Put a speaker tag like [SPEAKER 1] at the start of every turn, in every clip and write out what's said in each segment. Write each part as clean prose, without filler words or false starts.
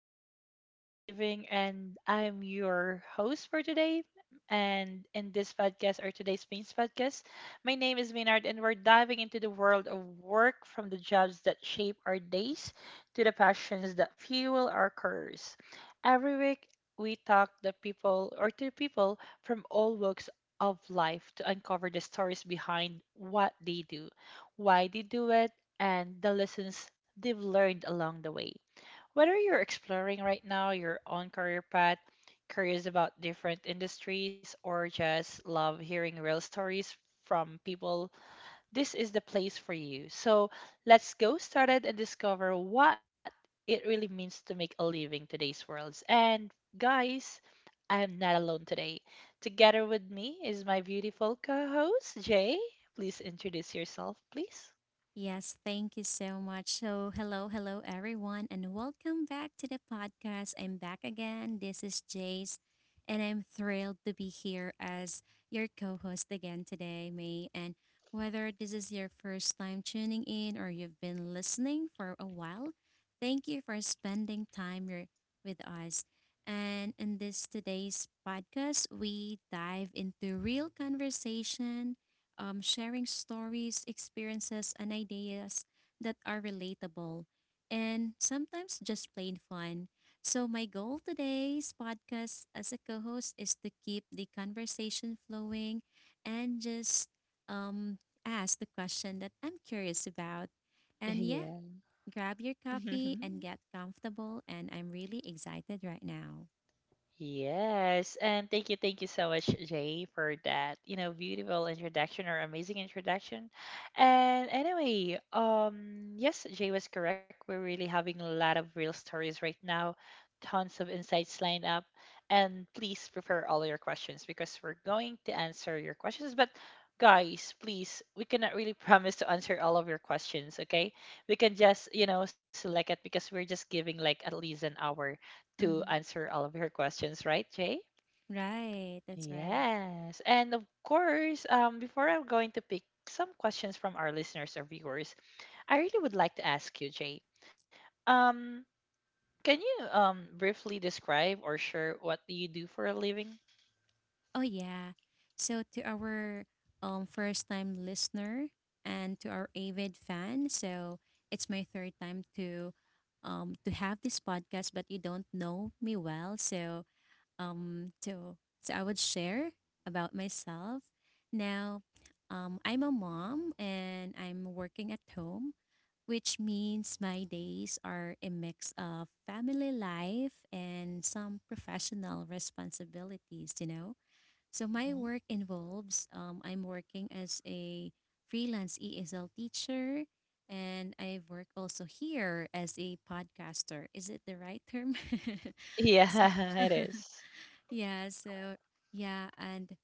[SPEAKER 1] What We Do for a Living. And I'm your host for today. And in this podcast or today's Spain's podcast, my name is Maynard, and we're diving into the world of work, from the jobs that shape our days to the passions that fuel our careers. Every week, we talk to people from all walks of life to uncover the stories behind what they do, why they do it, and the lessons they've learned along the way. Whether you're exploring right now your own career path, curious about different industries, or just love hearing real stories from people, this is the place for you. So let's go started and discover what it really means to make a living today's worlds. And guys, I am not alone today. Together with me is my beautiful co-host Jay. Please introduce yourself, please.
[SPEAKER 2] Yes, thank you so much. So, hello, hello, everyone, and welcome back to the podcast. I'm back again. This is Jace, and I'm thrilled to be here as your co host again today, May. And whether this is your first time tuning in or you've been listening for a while, thank you for spending time here with us. And in this today's podcast, we dive into real conversation sharing stories, experiences, and ideas that are relatable and sometimes just plain fun. So, my goal today's podcast as a co host is to keep the conversation flowing and just um, ask the question that I'm curious about. And yeah,
[SPEAKER 1] Yeah.
[SPEAKER 2] grab your coffee and get comfortable. And I'm really excited right now.
[SPEAKER 1] Yes, and thank you so much, Jay, for that. You know, beautiful introduction or amazing introduction. And anyway, yes, Jay was correct. We're really having a lot of real stories right now, tons of insights lined up. And please prepare all your questions, because we're going to answer your questions. But guys, please, we cannot really promise to answer all of your questions, okay? We can just, select it, because we're just giving like at least an hour to
[SPEAKER 2] Hmm.
[SPEAKER 1] answer all of her questions, right, Jay?
[SPEAKER 2] Right, that's right.
[SPEAKER 1] Yes. And of course, before I'm going to pick some questions from our listeners or viewers, I really would like to ask you, Jay. Um, can you briefly describe or share what do you do for a living?
[SPEAKER 2] Oh, yeah. So, to our first time listener and to our avid fan, so it's my third time to have this podcast, but you don't know me well. So I would share about myself. Now, I'm a mom and I'm working at home, which means my days are a mix of family life and some professional responsibilities, you know? So my
[SPEAKER 1] Mhm.
[SPEAKER 2] work involves I'm working as a freelance ESL teacher, and I work also here as a podcaster. Is it the right term? So,
[SPEAKER 1] Yeah, it is.
[SPEAKER 2] yeah. So yeah, and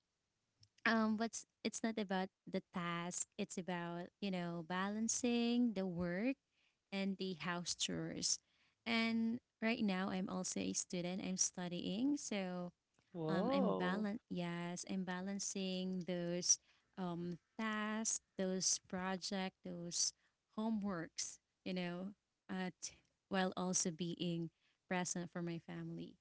[SPEAKER 2] but it's not about the task. It's about you know balancing the work and the house chores. And right now, I'm also a student. I'm studying, so I'm
[SPEAKER 1] Whoa.
[SPEAKER 2] balan yes, I'm balancing those tasks, those project, those homeworks, you know, uh, t- while also being present for my family.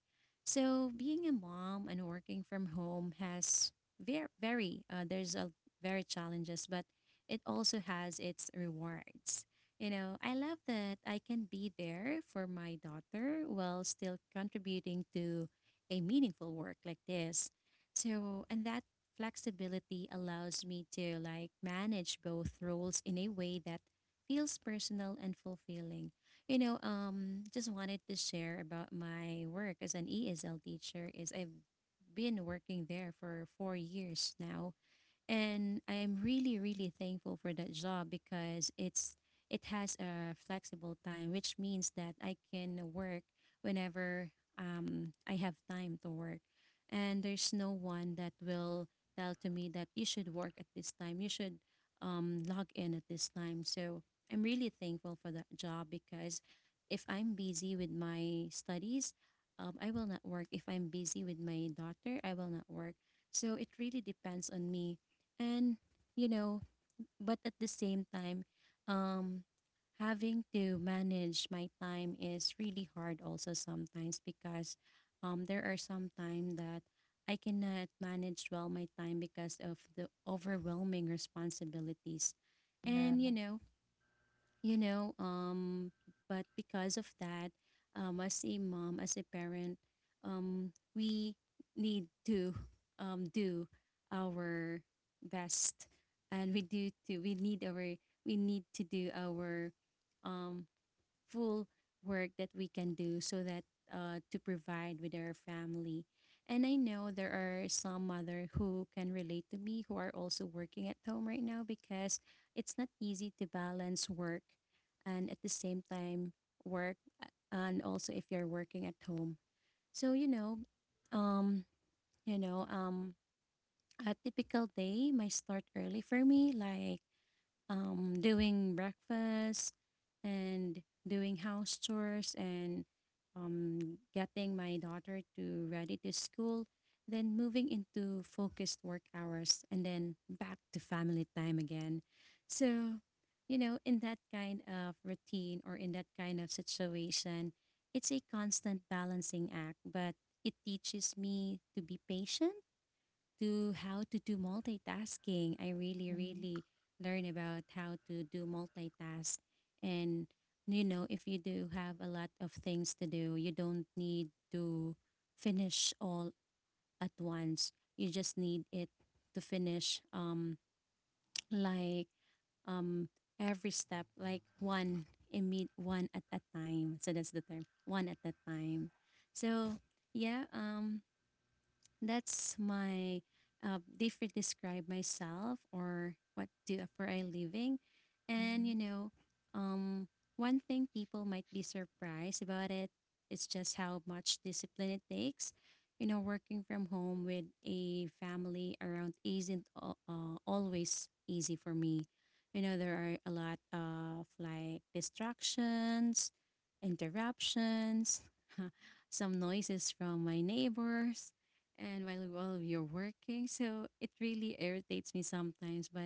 [SPEAKER 2] So being a mom and working from home has very, very there's a very challenges, but it also has its rewards. You know, I love that I can be there for my daughter while still contributing to a meaningful work like this. So, and that flexibility allows me to like manage both roles in a way that feels personal and fulfilling. You know, just wanted to share about my work as an ESL teacher is I've been working there for 4 years now, and I'm really really thankful for that job because it's it has a flexible time, which means that I can work whenever I have time to work. And there's no one that will tell to me that you should work at this time, you should log in at this time. So I'm really thankful for that job because if I'm busy with my studies, I will not work. If I'm busy with my daughter, I will not work. So it really depends on me. And you know, but at the same time, um having to manage my time is really hard also sometimes because there are some time that I cannot manage well my time because of the overwhelming responsibilities. And you
[SPEAKER 1] Yeah.
[SPEAKER 2] know, you know um but because of that, as a mom, as a parent, we need to do our best. And we do to we need to do our um full work that we can do so that to provide with our family. And I know there are some mother who can relate to me who are also working at home right now because it's not easy to balance work and at the same time work uh, and also if you're working at home. So you know, um, you know, um, a typical day might start early for me, like doing breakfast and doing house chores and getting my daughter to ready to school, then moving into focused work hours and then back to family time again. So, you know, in that kind of routine or in that kind of situation, it's a constant balancing act, but it teaches me to be patient, to how to do multitasking. I really,
[SPEAKER 1] Hmm.
[SPEAKER 2] really learn about how to do multitask. And, you know, if you do have a lot of things to do, you don't need to finish all at once. You just need it to finish, like, um, every step, like one at a time. So that's the term, one at a time. So, yeah, um, that's my different describe myself or what do for a living. And you
[SPEAKER 1] Hmm.
[SPEAKER 2] know, um, one thing people might be surprised about it is just how much discipline it takes. You know, working from home with a family around isn't always easy for me. You know, there are a lot of like distractions, interruptions, some noises from my neighbors and while you're working. So it really irritates me sometimes. But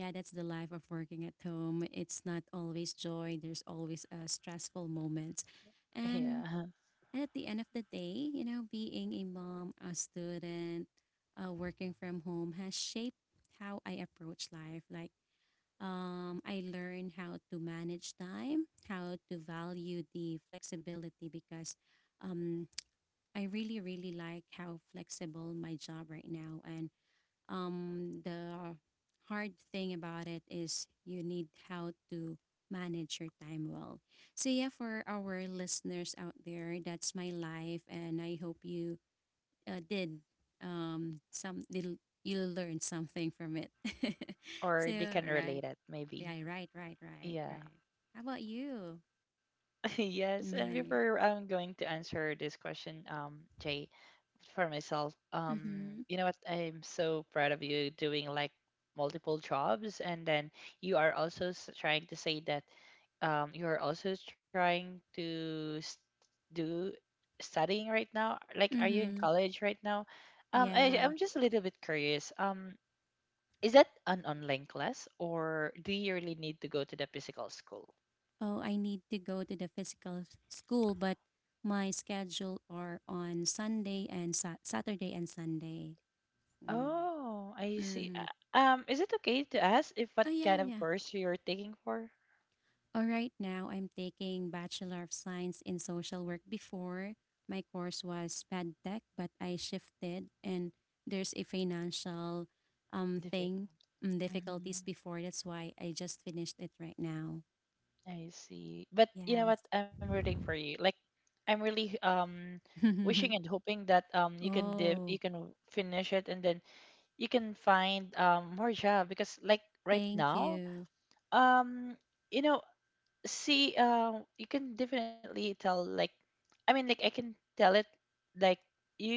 [SPEAKER 2] yeah, that's the life of working at home. It's not always joy. There's always stressful moments,
[SPEAKER 1] Yeah.
[SPEAKER 2] and and at the end of the day, you know, being a mom, a student, working from home has shaped how I approach life. Like I learned how to manage time, how to value the flexibility because. Um, I really, really like how flexible my job right now. And the hard thing about it is you need how to manage your time well. So, yeah, for our listeners out there, that's my life. And I hope you uh, did um, some, little- you learned something from it.
[SPEAKER 1] Or
[SPEAKER 2] So,
[SPEAKER 1] they can relate
[SPEAKER 2] right.
[SPEAKER 1] it, maybe.
[SPEAKER 2] Yeah, right, right, right,
[SPEAKER 1] Yeah.
[SPEAKER 2] right. How about you?
[SPEAKER 1] Yes. And
[SPEAKER 2] Right.
[SPEAKER 1] before I'm going to answer this question, Jay, for myself,
[SPEAKER 2] Mm-hmm.
[SPEAKER 1] you know what? I'm so proud of you doing like multiple jobs, and then you are also trying to say that you are also trying to do studying right now. Like, are you in
[SPEAKER 2] Mm-hmm.
[SPEAKER 1] college right now? I,
[SPEAKER 2] Yeah.
[SPEAKER 1] I'm just a little bit curious. Is that an online class, or do you really need to go to the physical school?
[SPEAKER 2] Oh, I need to go to the school, but my schedule are on Saturday and Sunday. Mm.
[SPEAKER 1] Oh, I see. Uh,
[SPEAKER 2] Hmm.
[SPEAKER 1] Um, is it okay to ask if what
[SPEAKER 2] Oh, yeah,
[SPEAKER 1] kind of
[SPEAKER 2] yeah.
[SPEAKER 1] course you're taking for?
[SPEAKER 2] All right, now I'm taking Bachelor of Science in Social Work. Before, my course was PedTech, but I shifted and there's a financial
[SPEAKER 1] Difficult.
[SPEAKER 2] thing,
[SPEAKER 1] Hmm.
[SPEAKER 2] difficulties before. That's why I just finished it right now.
[SPEAKER 1] I see. But you know what?
[SPEAKER 2] Yes.
[SPEAKER 1] I'm rooting for you. Like, I'm really wishing and hoping that
[SPEAKER 2] Oh,
[SPEAKER 1] you can finish it, and then you can find more job, because, like, right
[SPEAKER 2] thank
[SPEAKER 1] now,
[SPEAKER 2] you.
[SPEAKER 1] um you know see you can definitely tell, like, I mean, like, I can tell it, like, you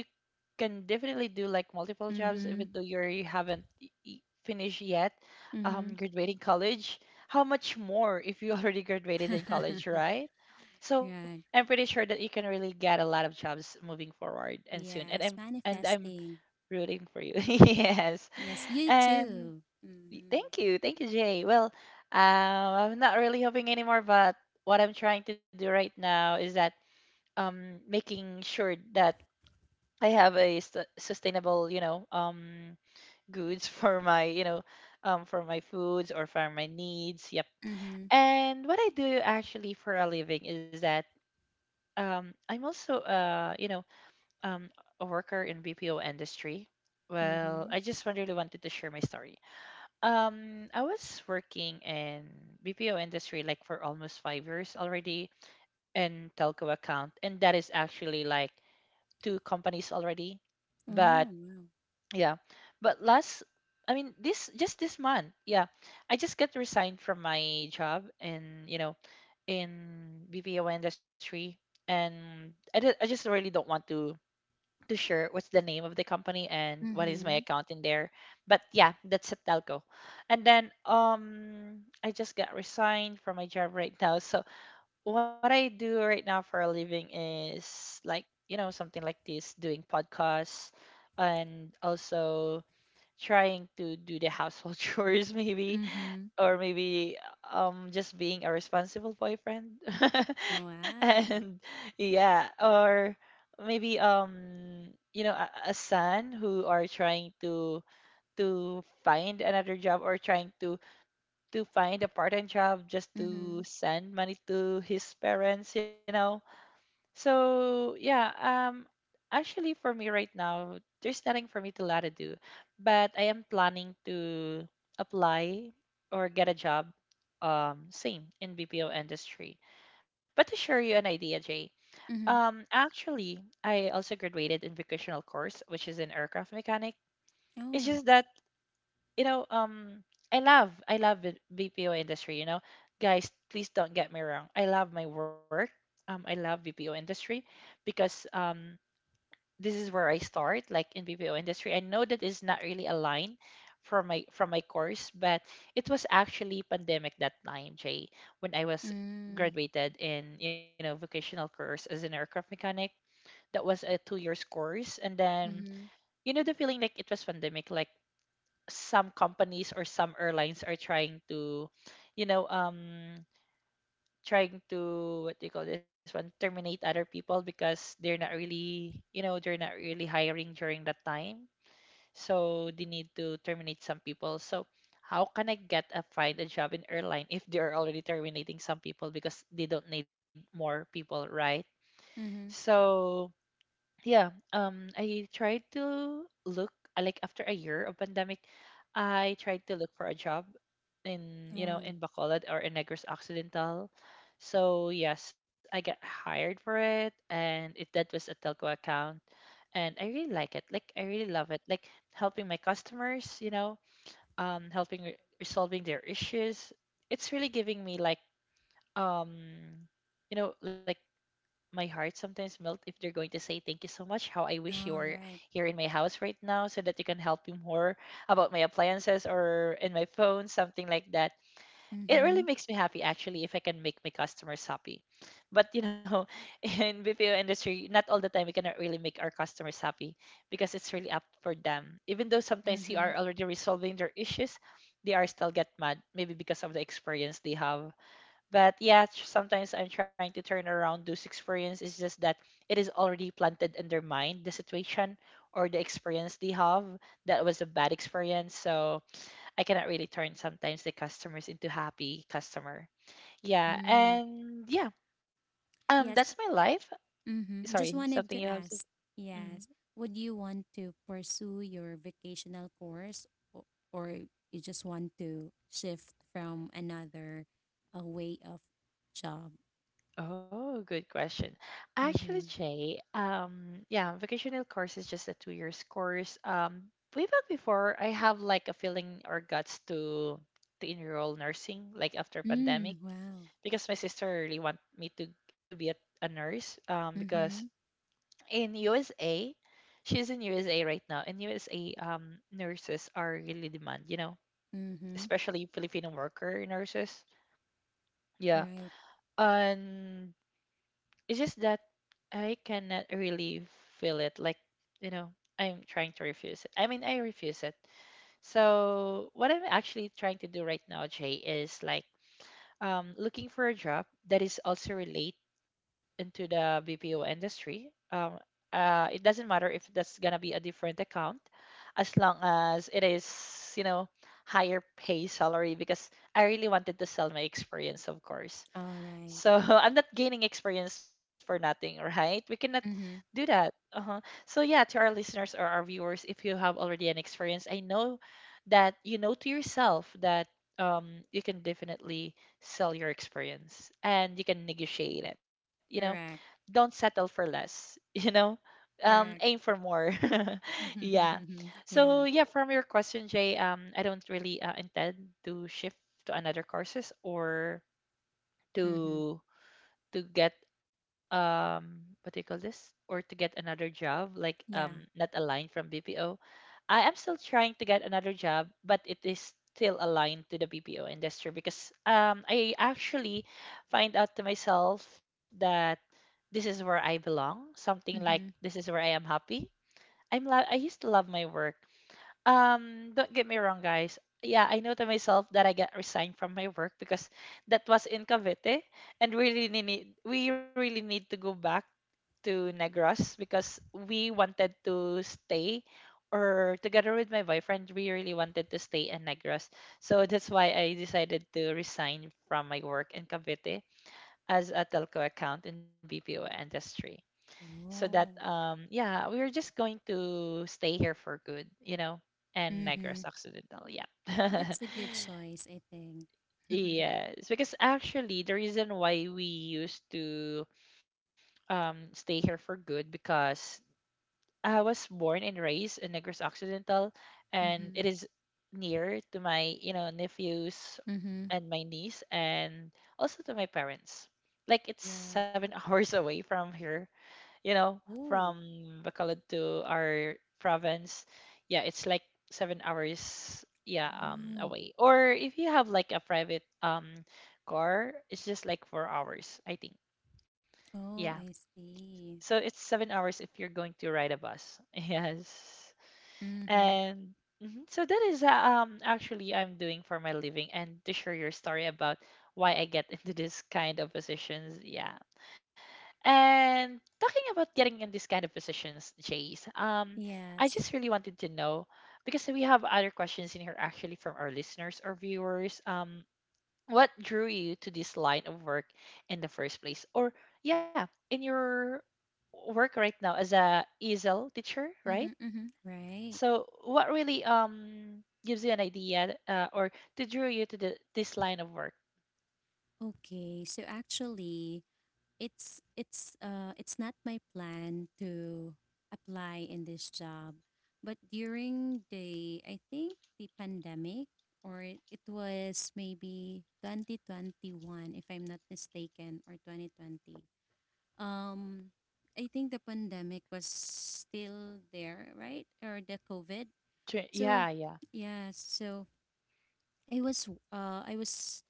[SPEAKER 1] can definitely do like multiple jobs
[SPEAKER 2] Mm-hmm.
[SPEAKER 1] even though you haven't finished yet,
[SPEAKER 2] Mm-hmm.
[SPEAKER 1] graduating college. How much more if you already graduated in college, right? So I'm
[SPEAKER 2] Right.
[SPEAKER 1] pretty sure that you can really get a lot of jobs moving forward and soon, and i'm
[SPEAKER 2] Yes,
[SPEAKER 1] and i'm
[SPEAKER 2] manifesting.
[SPEAKER 1] rooting for you. Yes.
[SPEAKER 2] Yes, you
[SPEAKER 1] And
[SPEAKER 2] too. Mm-hmm.
[SPEAKER 1] Thank you, Jay. Well, I'm not really hoping anymore, but what I'm trying to do right now is that, making sure that I have a st sustainable, goods for my foods or for my needs. Yep.
[SPEAKER 2] Mm-hmm.
[SPEAKER 1] And what I do actually for a living is that, I'm alsoum, a worker in BPO industry. Well,
[SPEAKER 2] Mm-hmm.
[SPEAKER 1] I just really wanted to share my story. I was working in BPO industry like for almost 5 years already in telco account, and that is actually like two companies already.
[SPEAKER 2] Oh,
[SPEAKER 1] But
[SPEAKER 2] wow.
[SPEAKER 1] yeah, but last, I mean, this month, yeah, I just got resigned from my job in you know in BPO industry, and I just really don't want to share what's the name of the company and what is
[SPEAKER 2] Mm-hmm.
[SPEAKER 1] my account in there. But yeah, that's a telco. And then I just got resigned from my job right now. So what I do right now for a living is, like, you know, something like this, doing podcasts and also trying to do the household chores, maybe,
[SPEAKER 2] Mm-hmm.
[SPEAKER 1] or maybe just being a responsible boyfriend,
[SPEAKER 2] Wow.
[SPEAKER 1] and yeah, or maybe a son who are trying to find another job, or trying to find a part-time job just
[SPEAKER 2] Mm-hmm.
[SPEAKER 1] to send money to his parents so yeah, actually, for me right now, there's nothing for me to let it do, but I am planning to apply or get a job, same in BPO industry. But to share you an idea, Jay,
[SPEAKER 2] Mm-hmm.
[SPEAKER 1] actually, I also graduated in vocational course, which is in aircraft mechanic. It's
[SPEAKER 2] Oh.
[SPEAKER 1] just that, you know, um, I love the BPO industry. You know, guys, please don't get me wrong. I love my work. I love BPO industry, because, this is where I start, like in BPO industry. I know that is not really aligned from my course, but it was actually pandemic that time, Jay, when I was
[SPEAKER 2] Mm.
[SPEAKER 1] graduated in, you know, vocational course as an aircraft mechanic. That was a 2 years course, and then,
[SPEAKER 2] Mm-hmm.
[SPEAKER 1] you know, the feeling like it was pandemic, like some companies or some airlines are trying to, you know, um, what do you call this one, terminate other people, because they're not really hiring during that time. So they need to terminate some people. So how can I get a find a job in airline if they're already terminating some people because they don't need more people, right?
[SPEAKER 2] Mm-hmm.
[SPEAKER 1] So yeah, I tried to look, like, after a year of pandemic, I tried to look for a job in,
[SPEAKER 2] Oh.
[SPEAKER 1] in Bacolod or in Negros Occidental. So yes, I got hired for it, and it that was a telco account, and I really like it, like I really love it, like helping my customers, helping resolving their issues. It's really giving me, like, um like, my heart sometimes melt if they're going to say, thank you so much, how I wish you
[SPEAKER 2] All
[SPEAKER 1] were
[SPEAKER 2] right.
[SPEAKER 1] here in my house right now so that you can help me more about my appliances or in my phone, something like that. It
[SPEAKER 2] Mm-hmm.
[SPEAKER 1] really makes me happy, actually, if I can make my customers happy. But in BPO industry, not all the time we cannot really make our customers happy, because it's really up for them. Even though sometimes you
[SPEAKER 2] Mm-hmm.
[SPEAKER 1] are already resolving their issues, they are still get mad, maybe because of the experience they have. But yeah, sometimes I'm trying to turn around those experience. It's just that it is already planted in their mind, the situation or the experience they have. That was a bad experience. So I cannot really turn sometimes the customers into happy customer. Yeah.
[SPEAKER 2] Mm.
[SPEAKER 1] And yeah,
[SPEAKER 2] Yes.
[SPEAKER 1] that's my life.
[SPEAKER 2] Mm-hmm. Just
[SPEAKER 1] Sorry,
[SPEAKER 2] wanted
[SPEAKER 1] something
[SPEAKER 2] to
[SPEAKER 1] you have to.
[SPEAKER 2] ask, yes, would you want to pursue your vocational course, or, or you just want to shift from another a way of job?
[SPEAKER 1] Oh, good question. Actually,
[SPEAKER 2] Mm-hmm.
[SPEAKER 1] Jay, yeah, vocational course is just a 2 years course. Way back before, I have like a feeling or guts to enroll nursing, like after
[SPEAKER 2] Mm,
[SPEAKER 1] pandemic,
[SPEAKER 2] wow.
[SPEAKER 1] because my sister really want me to be a nurse. Because
[SPEAKER 2] Mm-hmm.
[SPEAKER 1] in USA, she's in USA right now. In USA, nurses are really demand, you know,
[SPEAKER 2] Mm-hmm.
[SPEAKER 1] especially Filipino worker nurses. Yeah,
[SPEAKER 2] Right.
[SPEAKER 1] and it's just that I cannot really feel it. Like, you know, I'm trying to refuse it. I mean, I refuse it. So, what I'm actually trying to do right now, Jay, is, like, looking for a job that is also relate into the BPO industry. It doesn't matter if that's gonna be a different account, as long as it is, higher pay salary, because I really wanted to sell my experience, of course.
[SPEAKER 2] All right.
[SPEAKER 1] So I'm not gaining experience for nothing, right? We cannot do
[SPEAKER 2] Mm-hmm.
[SPEAKER 1] that. Uh-huh. So yeah, to our listeners or our viewers, if you have already an experience, I know that you know to yourself that you can definitely sell your experience and you can negotiate it. You know,
[SPEAKER 2] Correct.
[SPEAKER 1] don't settle for less. Aim
[SPEAKER 2] Correct.
[SPEAKER 1] for more. Yeah. So yeah,
[SPEAKER 2] Yes.
[SPEAKER 1] from your question, Jay, I don't really intend to shift to another courses, or
[SPEAKER 2] Mm-hmm.
[SPEAKER 1] to get what do you call this, or to get another job like
[SPEAKER 2] Yeah.
[SPEAKER 1] not a line from BPO. I am still trying to get another job, but it is still aligned to the BPO industry, because I actually find out to myself that this is where I belong, something like
[SPEAKER 2] Mm-hmm.
[SPEAKER 1] this is where I am happy. I used to love my work, don't get me wrong, guys. Yeah, I know to myself that I got resigned from my work because that was in Cavite, and we really need to go back to Negros, because we wanted to stay, or together with my boyfriend, we really wanted to stay in Negros. So that's why I decided to resign from my work in Cavite as a telco account in BPO industry. So that,
[SPEAKER 2] Oh.
[SPEAKER 1] yeah, we were just going to stay here for good, you know, and
[SPEAKER 2] Mm-hmm.
[SPEAKER 1] Negros Occidental, yeah.
[SPEAKER 2] That's a good choice, I think.
[SPEAKER 1] Yes, because actually the reason why we used to stay here for good, because I was born and raised in Negros Occidental, and it
[SPEAKER 2] Mm-hmm.
[SPEAKER 1] is near to my, nephews,
[SPEAKER 2] Mm-hmm.
[SPEAKER 1] and my niece, and also to my parents, like it's
[SPEAKER 2] Yes.
[SPEAKER 1] seven hours away from here, you know,
[SPEAKER 2] Oh.
[SPEAKER 1] from Bacolod to our province. Yeah, it's like 7 hours, yeah,
[SPEAKER 2] Oh.
[SPEAKER 1] away. Or if you have like a private car, it's just like 4 hours, I think. Yeah.
[SPEAKER 2] Oh, I see.
[SPEAKER 1] So it's 7 hours if you're going to ride a bus. Yes.
[SPEAKER 2] Mm-hmm.
[SPEAKER 1] And mhm, so that is actually I'm doing for my living, and to share your story about why I get into this kind of positions. Yeah. And talking about getting in these kind of positions, Jace, I
[SPEAKER 2] Yes.
[SPEAKER 1] just really wanted to know, because we have other questions in here actually from our listeners or viewers. What drew you to this line of work in the first place? Or yeah, in your work right now as a ESL teacher,
[SPEAKER 2] Mm-hmm.
[SPEAKER 1] right?
[SPEAKER 2] Mm-hmm. Right.
[SPEAKER 1] So what really gives you an idea, or to drew you to this line of work?
[SPEAKER 2] Okay. So actually, it's not my plan to apply in this job, but during the I think the pandemic or it was maybe 2021 if I'm not mistaken, or 2020. um I think the pandemic was still there, right? Or the COVID.
[SPEAKER 1] Yeah,
[SPEAKER 2] So
[SPEAKER 1] yeah.
[SPEAKER 2] yeah, so I was uh I was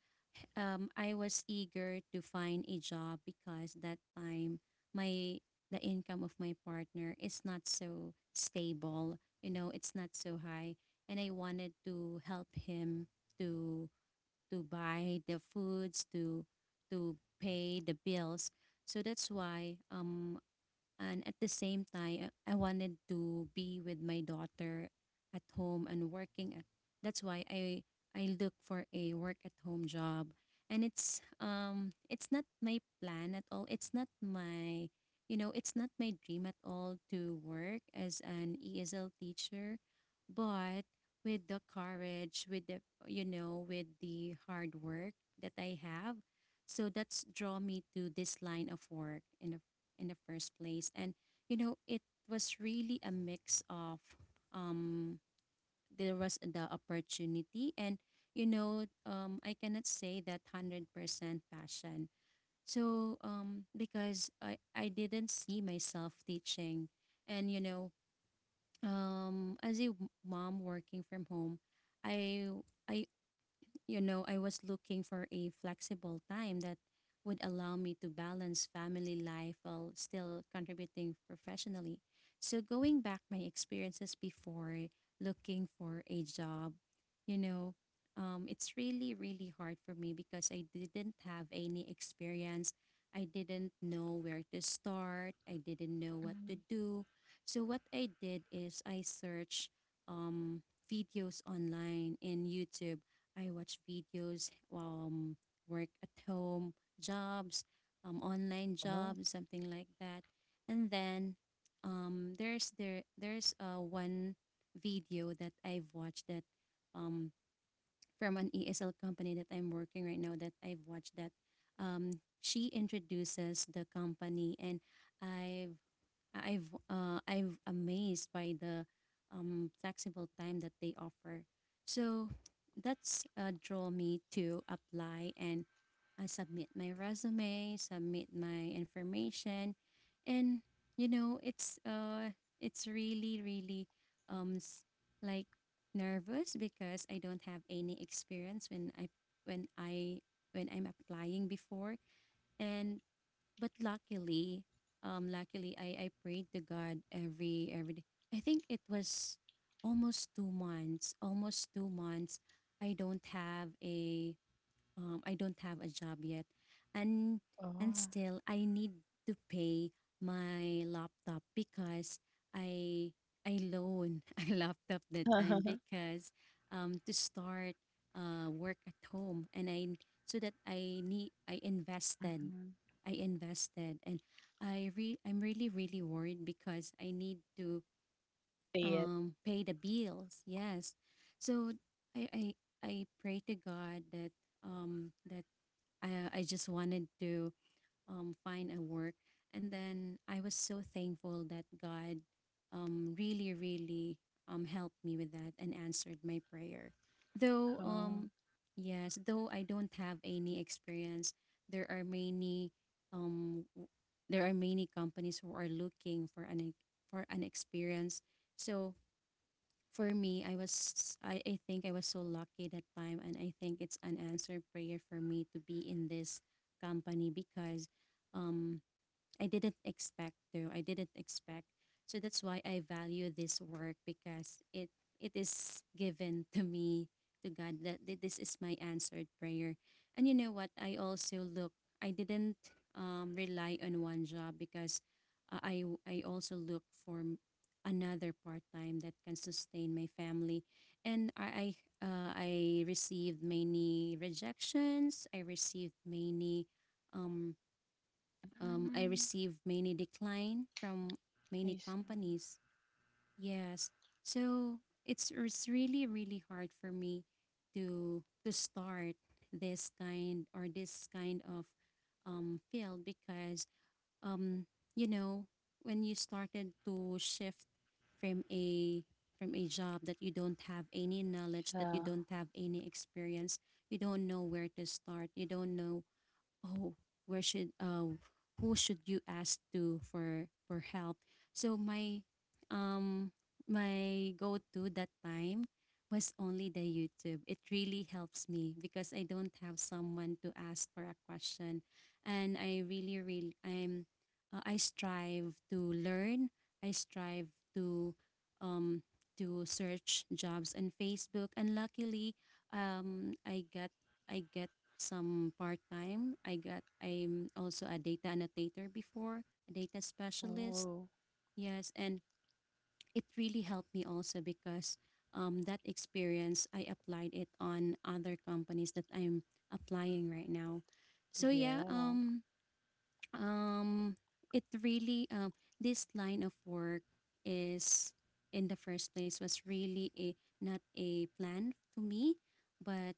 [SPEAKER 2] um I was eager to find a job because that time my the income of my partner is not so stable, you know, it's not so high and I wanted to help him to to buy the foods, to pay the bills. So that's why and at the same time, I wanted to be with my daughter at home and working at. That's why I look for a work at home job, and it's not my plan at all. It's not my you know it's not my dream at all to work as an ESL teacher, but with the courage, with the you know with the hard work that I have, so that's draw me to this line of work and of in the first place. And you know, it was really a mix of um there was the opportunity and you know, I cannot say that 100% passion. So because I didn't see myself teaching and you know, as a mom working from home, I I you know, I was looking for a flexible time that would allow me to balance family life while still contributing professionally. So, going back my experiences before looking for a job, you know, it's really, really hard for me because I didn't have any experience. I didn't know where to start. I didn't know what
[SPEAKER 1] Mhm.
[SPEAKER 2] to do. So, what I did is I searched um, videos online in YouTube. I watch videos, work at home jobs, online jobs,
[SPEAKER 1] Oh,
[SPEAKER 2] something like that. And then there's there there's one video that I've watched that um, from an ESL company that I'm working right now that I've watched that she introduces the company, and I've I've amazed by the flexible time that they offer. So that's draw me to apply, and I submit my resume, submit my information, and you know it's really really um s- like nervous because I don't have any experience when I when I when I'm applying before. And but luckily, luckily I prayed to God every day. I think it was almost 2 months, almost 2 months. I don't have a I don't have a job yet, and and
[SPEAKER 1] oh.
[SPEAKER 2] still I need to pay my laptop because I I loan a laptop that time because to start work at home. And I, so that I need,
[SPEAKER 1] Mhm.
[SPEAKER 2] I invested, and I'm really really worried because I need to
[SPEAKER 1] See it.
[SPEAKER 2] pay the bills. Yes, so I I I pray to God that that I just wanted to find a work. And then I was so thankful that God, really, really, helped me with that and answered my prayer. Though,
[SPEAKER 1] Oh.
[SPEAKER 2] yes, though I don't have any experience, there are many um, w- there are many companies who are looking for for an experience. So for me, I think I was so lucky that time, and I think it's an answered prayer for me to be in this company because, um, I didn't expect to. I didn't expect. So that's why I value this work, because it is given to me, to God, that this is my answered prayer. And you know what? I also look. I didn't, rely on one job because, I also look for another part time that can sustain my family. And I received many rejections. I received many. um I
[SPEAKER 1] Mm,
[SPEAKER 2] received many decline from many
[SPEAKER 1] I see.
[SPEAKER 2] companies. Yes, so it's really really hard for me to start this kind, or this kind of, field. Because, um, you know when you started to shift from a from a job that you don't have any knowledge, that you don't
[SPEAKER 1] Yeah.
[SPEAKER 2] have any experience, you don't know where to start, you don't know, oh, where should, who should you ask to, for help. So um my go-to that time was only the YouTube. It really helps me because I don't have someone to ask for a question. And I strive to learn. I strive um to search jobs on Facebook. And luckily, um i got I get some part-time. I'm also a data annotator before, a data specialist.
[SPEAKER 1] Oh,
[SPEAKER 2] Yes, and it really helped me also because, that experience I applied it on other companies that I'm applying right now. So yeah,
[SPEAKER 1] yeah.
[SPEAKER 2] um it really, this line of work is, in the first place, was really a, not a plan to me, but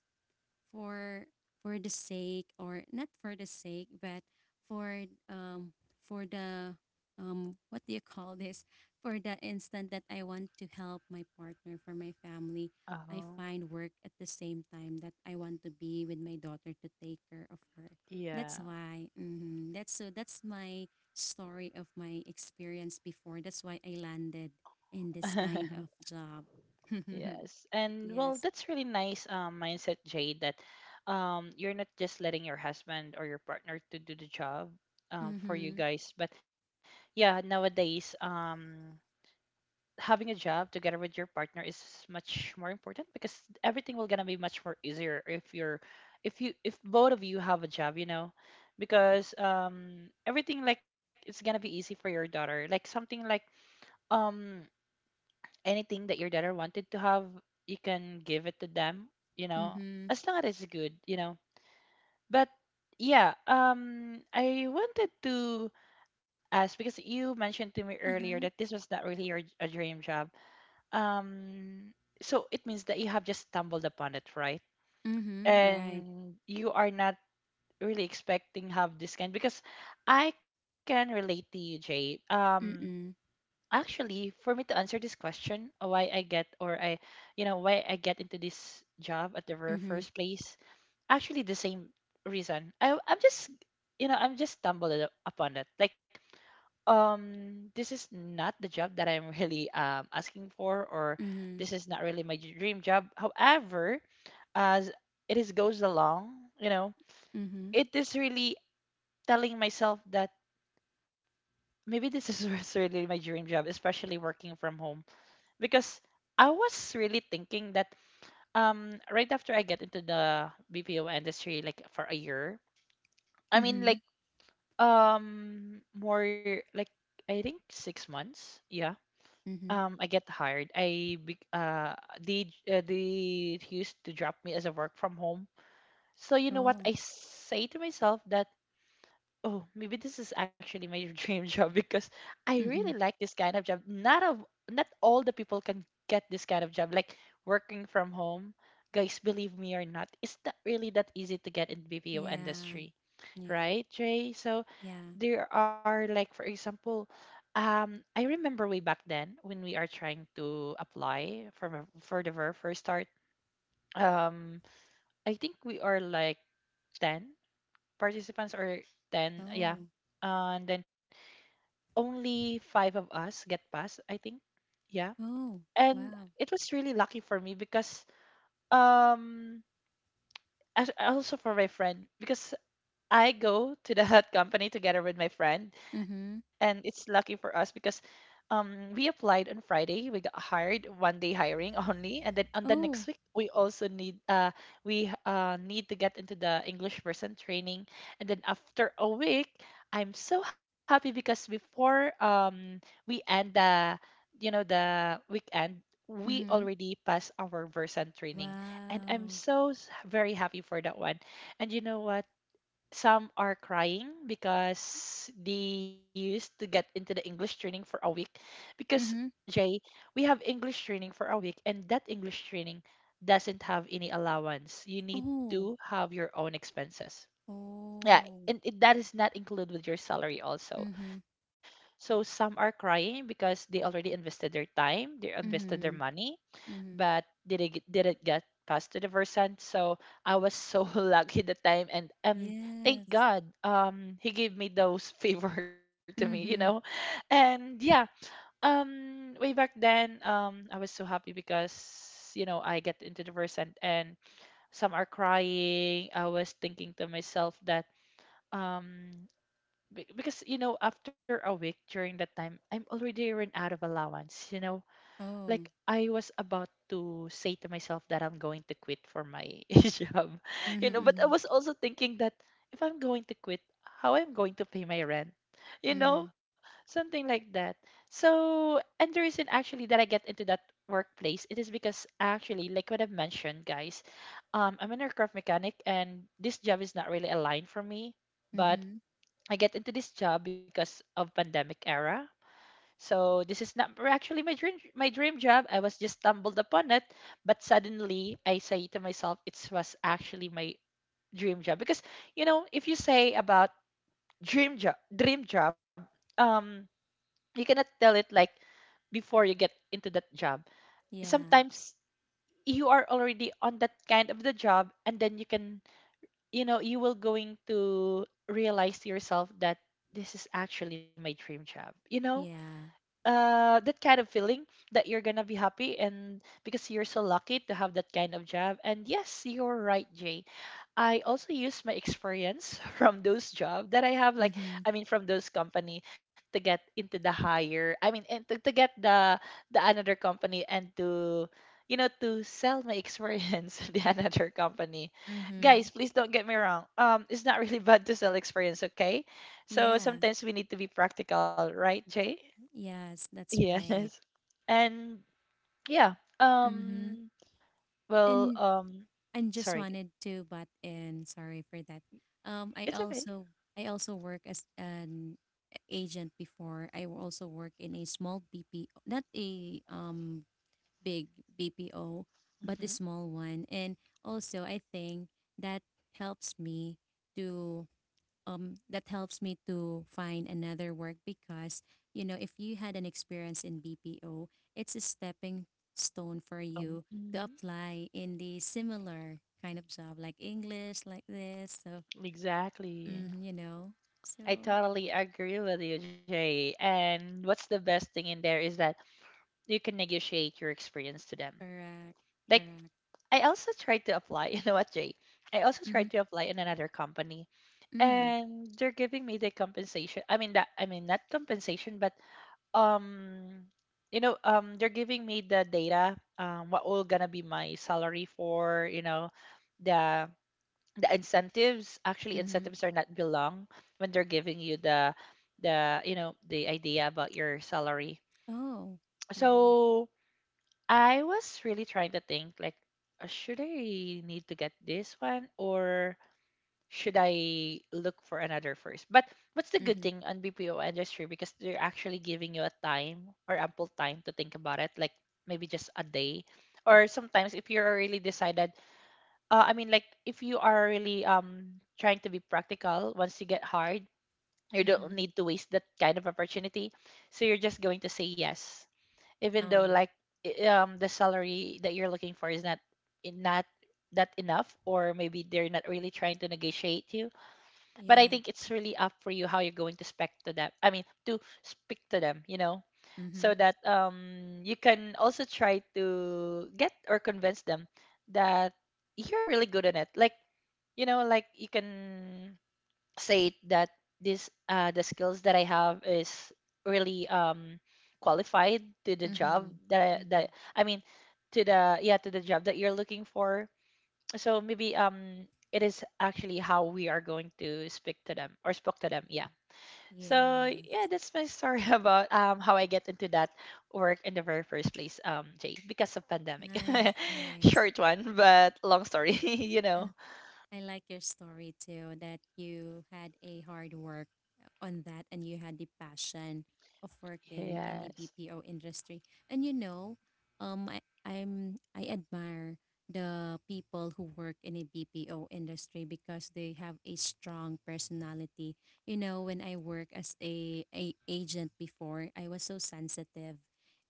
[SPEAKER 2] for the sake, or not for the sake, but for, um for the, what do you call this, for the instant that I want to help my partner, for my family. I find
[SPEAKER 1] Oh,
[SPEAKER 2] work at the same time that I want to be with my daughter, to take care of her. That's
[SPEAKER 1] yeah.
[SPEAKER 2] why, mhm, that's my story of my experience before. That's why I landed in this kind of job.
[SPEAKER 1] Yes.
[SPEAKER 2] Yes.
[SPEAKER 1] And well, that's really nice mindset, Jade, that you're not just letting your husband or your partner to do the job
[SPEAKER 2] Mhm.
[SPEAKER 1] for you guys, but yeah, nowadays having a job together with your partner is much more important, because everything will gonna be much more easier if you're, if both of you have a job, you know, because everything, like, it's gonna be easy for your daughter, like something like, um anything that your daughter wanted to have, you can give it to them, you know,
[SPEAKER 2] Mhm.
[SPEAKER 1] as long as it's good. But yeah, I wanted to ask, because you mentioned to me earlier that this
[SPEAKER 2] Mhm.
[SPEAKER 1] was not really your a dream job, um, so it means that you have just stumbled upon it, right?
[SPEAKER 2] Mhm, right.
[SPEAKER 1] And you are not really expecting have this kind, because I can relate to you, Jay.
[SPEAKER 2] Mm.
[SPEAKER 1] Actually, for me to answer this question, why I get you know, why I get into this job at the very
[SPEAKER 2] Mhm.
[SPEAKER 1] first place, actually the same reason. I'm just, you know, I'm just stumbled upon it. Like, this is not the job that I'm really asking for, or
[SPEAKER 2] Mhm.
[SPEAKER 1] this is not really my dream job. However, as it is goes along, you know,
[SPEAKER 2] Mhm.
[SPEAKER 1] it is really telling myself that maybe this is what's really my dream job, especially working from home. Because I was really thinking that right after I get into the BPO industry like for a year, I mean like,
[SPEAKER 2] Mhm.
[SPEAKER 1] more like, I think, 6 months, yeah,
[SPEAKER 2] Mhm.
[SPEAKER 1] I get hired. They, they used to drop me as a work from home. So you know what
[SPEAKER 2] Oh.
[SPEAKER 1] I say to myself that, oh, maybe this is actually my dream job, because I really
[SPEAKER 2] Mhm.
[SPEAKER 1] like this kind of job. Not all the people can get this kind of job, like working from home. Guys, believe me or not, it's not really that easy to get in BPO
[SPEAKER 2] Yeah.
[SPEAKER 1] industry,
[SPEAKER 2] Yeah.
[SPEAKER 1] right, Jay? So
[SPEAKER 2] Yeah.
[SPEAKER 1] there are, like, for example, I remember way back then when we are trying to apply for the very first start. Um, I think we are like 10 participants, or 10, yeah,
[SPEAKER 2] Oh.
[SPEAKER 1] and then only five of us get passed, I think, yeah.
[SPEAKER 2] Oh,
[SPEAKER 1] And
[SPEAKER 2] wow.
[SPEAKER 1] it was really lucky for me, because um, as also for my friend, because I go to the hut company together with my friend, and
[SPEAKER 2] Mhm.
[SPEAKER 1] it's lucky for us, because we applied on Friday. We got hired 1 day hiring only, and then on the next week
[SPEAKER 2] Oh.
[SPEAKER 1] we also need to get into the English person training, and then after a week, I'm so happy because before, we end the you know the weekend. We
[SPEAKER 2] Mhm.
[SPEAKER 1] already passed our version training, and I'm
[SPEAKER 2] Wow.
[SPEAKER 1] so very happy for that one. And you know what? Some are crying because they used to get into the English training for a week. Because,
[SPEAKER 2] Mhm.
[SPEAKER 1] Jay, we have English training for a week, and that English training doesn't have any allowance. You need
[SPEAKER 2] Oh.
[SPEAKER 1] to have your own expenses. Yeah,
[SPEAKER 2] Oh.
[SPEAKER 1] and that is not included with your salary also.
[SPEAKER 2] Mhm.
[SPEAKER 1] So some are crying because they already invested their time, they invested their
[SPEAKER 2] Mhm.
[SPEAKER 1] money, but
[SPEAKER 2] Mhm.
[SPEAKER 1] did it get passed to the Versant? So I was so lucky the time, and, thank
[SPEAKER 2] Yes.
[SPEAKER 1] God, he gave me those favor to me, you know,
[SPEAKER 2] Mhm.
[SPEAKER 1] and yeah, way back then, I was so happy because you know I get into the Versant, and some are crying. I was thinking to myself that um. Because, you know, after a week during that time, I'm already run out of allowance. You know, like
[SPEAKER 2] Oh.
[SPEAKER 1] I was about to say to myself that I'm going to quit for my job, you
[SPEAKER 2] Mhm.
[SPEAKER 1] know. But I
[SPEAKER 2] Mhm.
[SPEAKER 1] was also thinking that if I'm going to quit, how I'm going to pay my rent, you know,
[SPEAKER 2] Mm.
[SPEAKER 1] something like that. So, and the reason actually that I get into that workplace, it is because actually, like what I've mentioned, guys, I'm an aircraft mechanic, and this job is not really aligned for me, but
[SPEAKER 2] Mhm.
[SPEAKER 1] I get into this job because of pandemic era, so this is not actually my dream job. I was just stumbled upon it, but suddenly I say to myself, it was actually my dream job, because you know, if you say about dream job, um, you cannot tell it like before you get into that job.
[SPEAKER 2] Yeah.
[SPEAKER 1] Sometimes you are already on that kind of the job, and then you can you know you will going to realize to yourself that this is actually my dream job. You know,
[SPEAKER 2] Yeah.
[SPEAKER 1] that kind of feeling, that you're gonna be happy, and because you're so lucky to have that kind of job. And yes, you're right, Jay, I also use my experience from those job that I have, like, I
[SPEAKER 2] Mhm.
[SPEAKER 1] mean, from those company to get into the higher, I mean, and to get the, another company, and to, you know, to sell my experience to the another company. Guys,
[SPEAKER 2] Mhm.
[SPEAKER 1] please don't get me wrong, it's not really bad to sell experience, okay? So
[SPEAKER 2] Yeah.
[SPEAKER 1] sometimes we need to be practical, right, Jay?
[SPEAKER 2] Yes, that's
[SPEAKER 1] Yes.
[SPEAKER 2] right.
[SPEAKER 1] And yeah,
[SPEAKER 2] Mm-hmm.
[SPEAKER 1] um well,
[SPEAKER 2] And and just
[SPEAKER 1] sorry.
[SPEAKER 2] wanted to butt in. Sorry for that. Um, I
[SPEAKER 1] It's okay.
[SPEAKER 2] also I also work as an agent before. Also work in a small BPO, not a big BPO, but a
[SPEAKER 1] Hmm.
[SPEAKER 2] small one. And also, I think that helps me to that helps me to find another work, because you know if you had an experience in BPO, it's a stepping stone for you to
[SPEAKER 1] Mhm.
[SPEAKER 2] apply in the similar kind of job, like English, like this. So, mm,
[SPEAKER 1] Exactly.
[SPEAKER 2] you know,
[SPEAKER 1] I
[SPEAKER 2] so,
[SPEAKER 1] totally agree with you, Jay. And what's the best thing in there is that you can negotiate your experience to them.
[SPEAKER 2] correct,
[SPEAKER 1] Like,
[SPEAKER 2] correct.
[SPEAKER 1] I also tried to apply, you know what, Jay? I also
[SPEAKER 2] Mm-hmm.
[SPEAKER 1] tried to apply in another company,
[SPEAKER 2] Mm,
[SPEAKER 1] and they're giving me the compensation. I mean, that, I mean, not compensation, but, um you know, they're giving me the data, what will gonna be my salary for, you know, the the incentives. Actually,
[SPEAKER 2] mm-hmm.
[SPEAKER 1] incentives are not belong when they're giving you the idea about your salary.
[SPEAKER 2] Oh, wow.
[SPEAKER 1] So I was really trying to think, like, should I need to get this one, or should I look for another first? But what's the good
[SPEAKER 2] Mm-hmm.
[SPEAKER 1] thing on BPO industry, because they're actually giving you a time or ample time to think about it, like maybe just a day. Or sometimes if you're really decided, I mean, like, if you are really trying to be practical, once you get hired, you don't
[SPEAKER 2] Mm-hmm.
[SPEAKER 1] need to waste that kind of opportunity. So you're just going to say yes, even though,
[SPEAKER 2] Oh,
[SPEAKER 1] like, the salary that you're looking for is not that enough, or maybe they're not really trying to negotiate you, but I
[SPEAKER 2] yeah.
[SPEAKER 1] think it's really up for you how you're going to speak to them. I mean, to speak to them, you know, so
[SPEAKER 2] Mm-hmm.
[SPEAKER 1] that you can also try to get or convince them that you're really good at it. Like you can say that this the skills that I have is really qualified to the
[SPEAKER 2] Mm-hmm.
[SPEAKER 1] job that
[SPEAKER 2] Mm-hmm.
[SPEAKER 1] I mean to the yeah, to the job that you're looking for. So maybe it is actually how we are going to speak to them or spoke to them, yeah. So
[SPEAKER 2] Yes.
[SPEAKER 1] yeah, that's my story about how I get into that work in the very first place, Jay, because of pandemic
[SPEAKER 2] Nice, nice.
[SPEAKER 1] short one, but long story you know.
[SPEAKER 2] I like your story too, that you had a hard work on that, and you had the passion of working in the
[SPEAKER 1] Yes.
[SPEAKER 2] BPO industry. And you know, I admire the people who work in a BPO industry because they have a strong personality. You know, when I work as a agent before, I was so sensitive.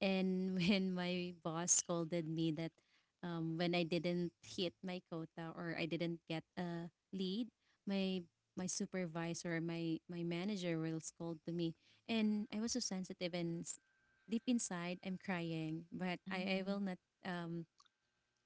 [SPEAKER 2] And when my boss scolded me that, when I didn't hit my quota or I didn't get a lead, my my supervisor, my manager will scold to me, and I was so sensitive and deep inside I'm crying, but I will
[SPEAKER 1] Mhm.
[SPEAKER 2] not, um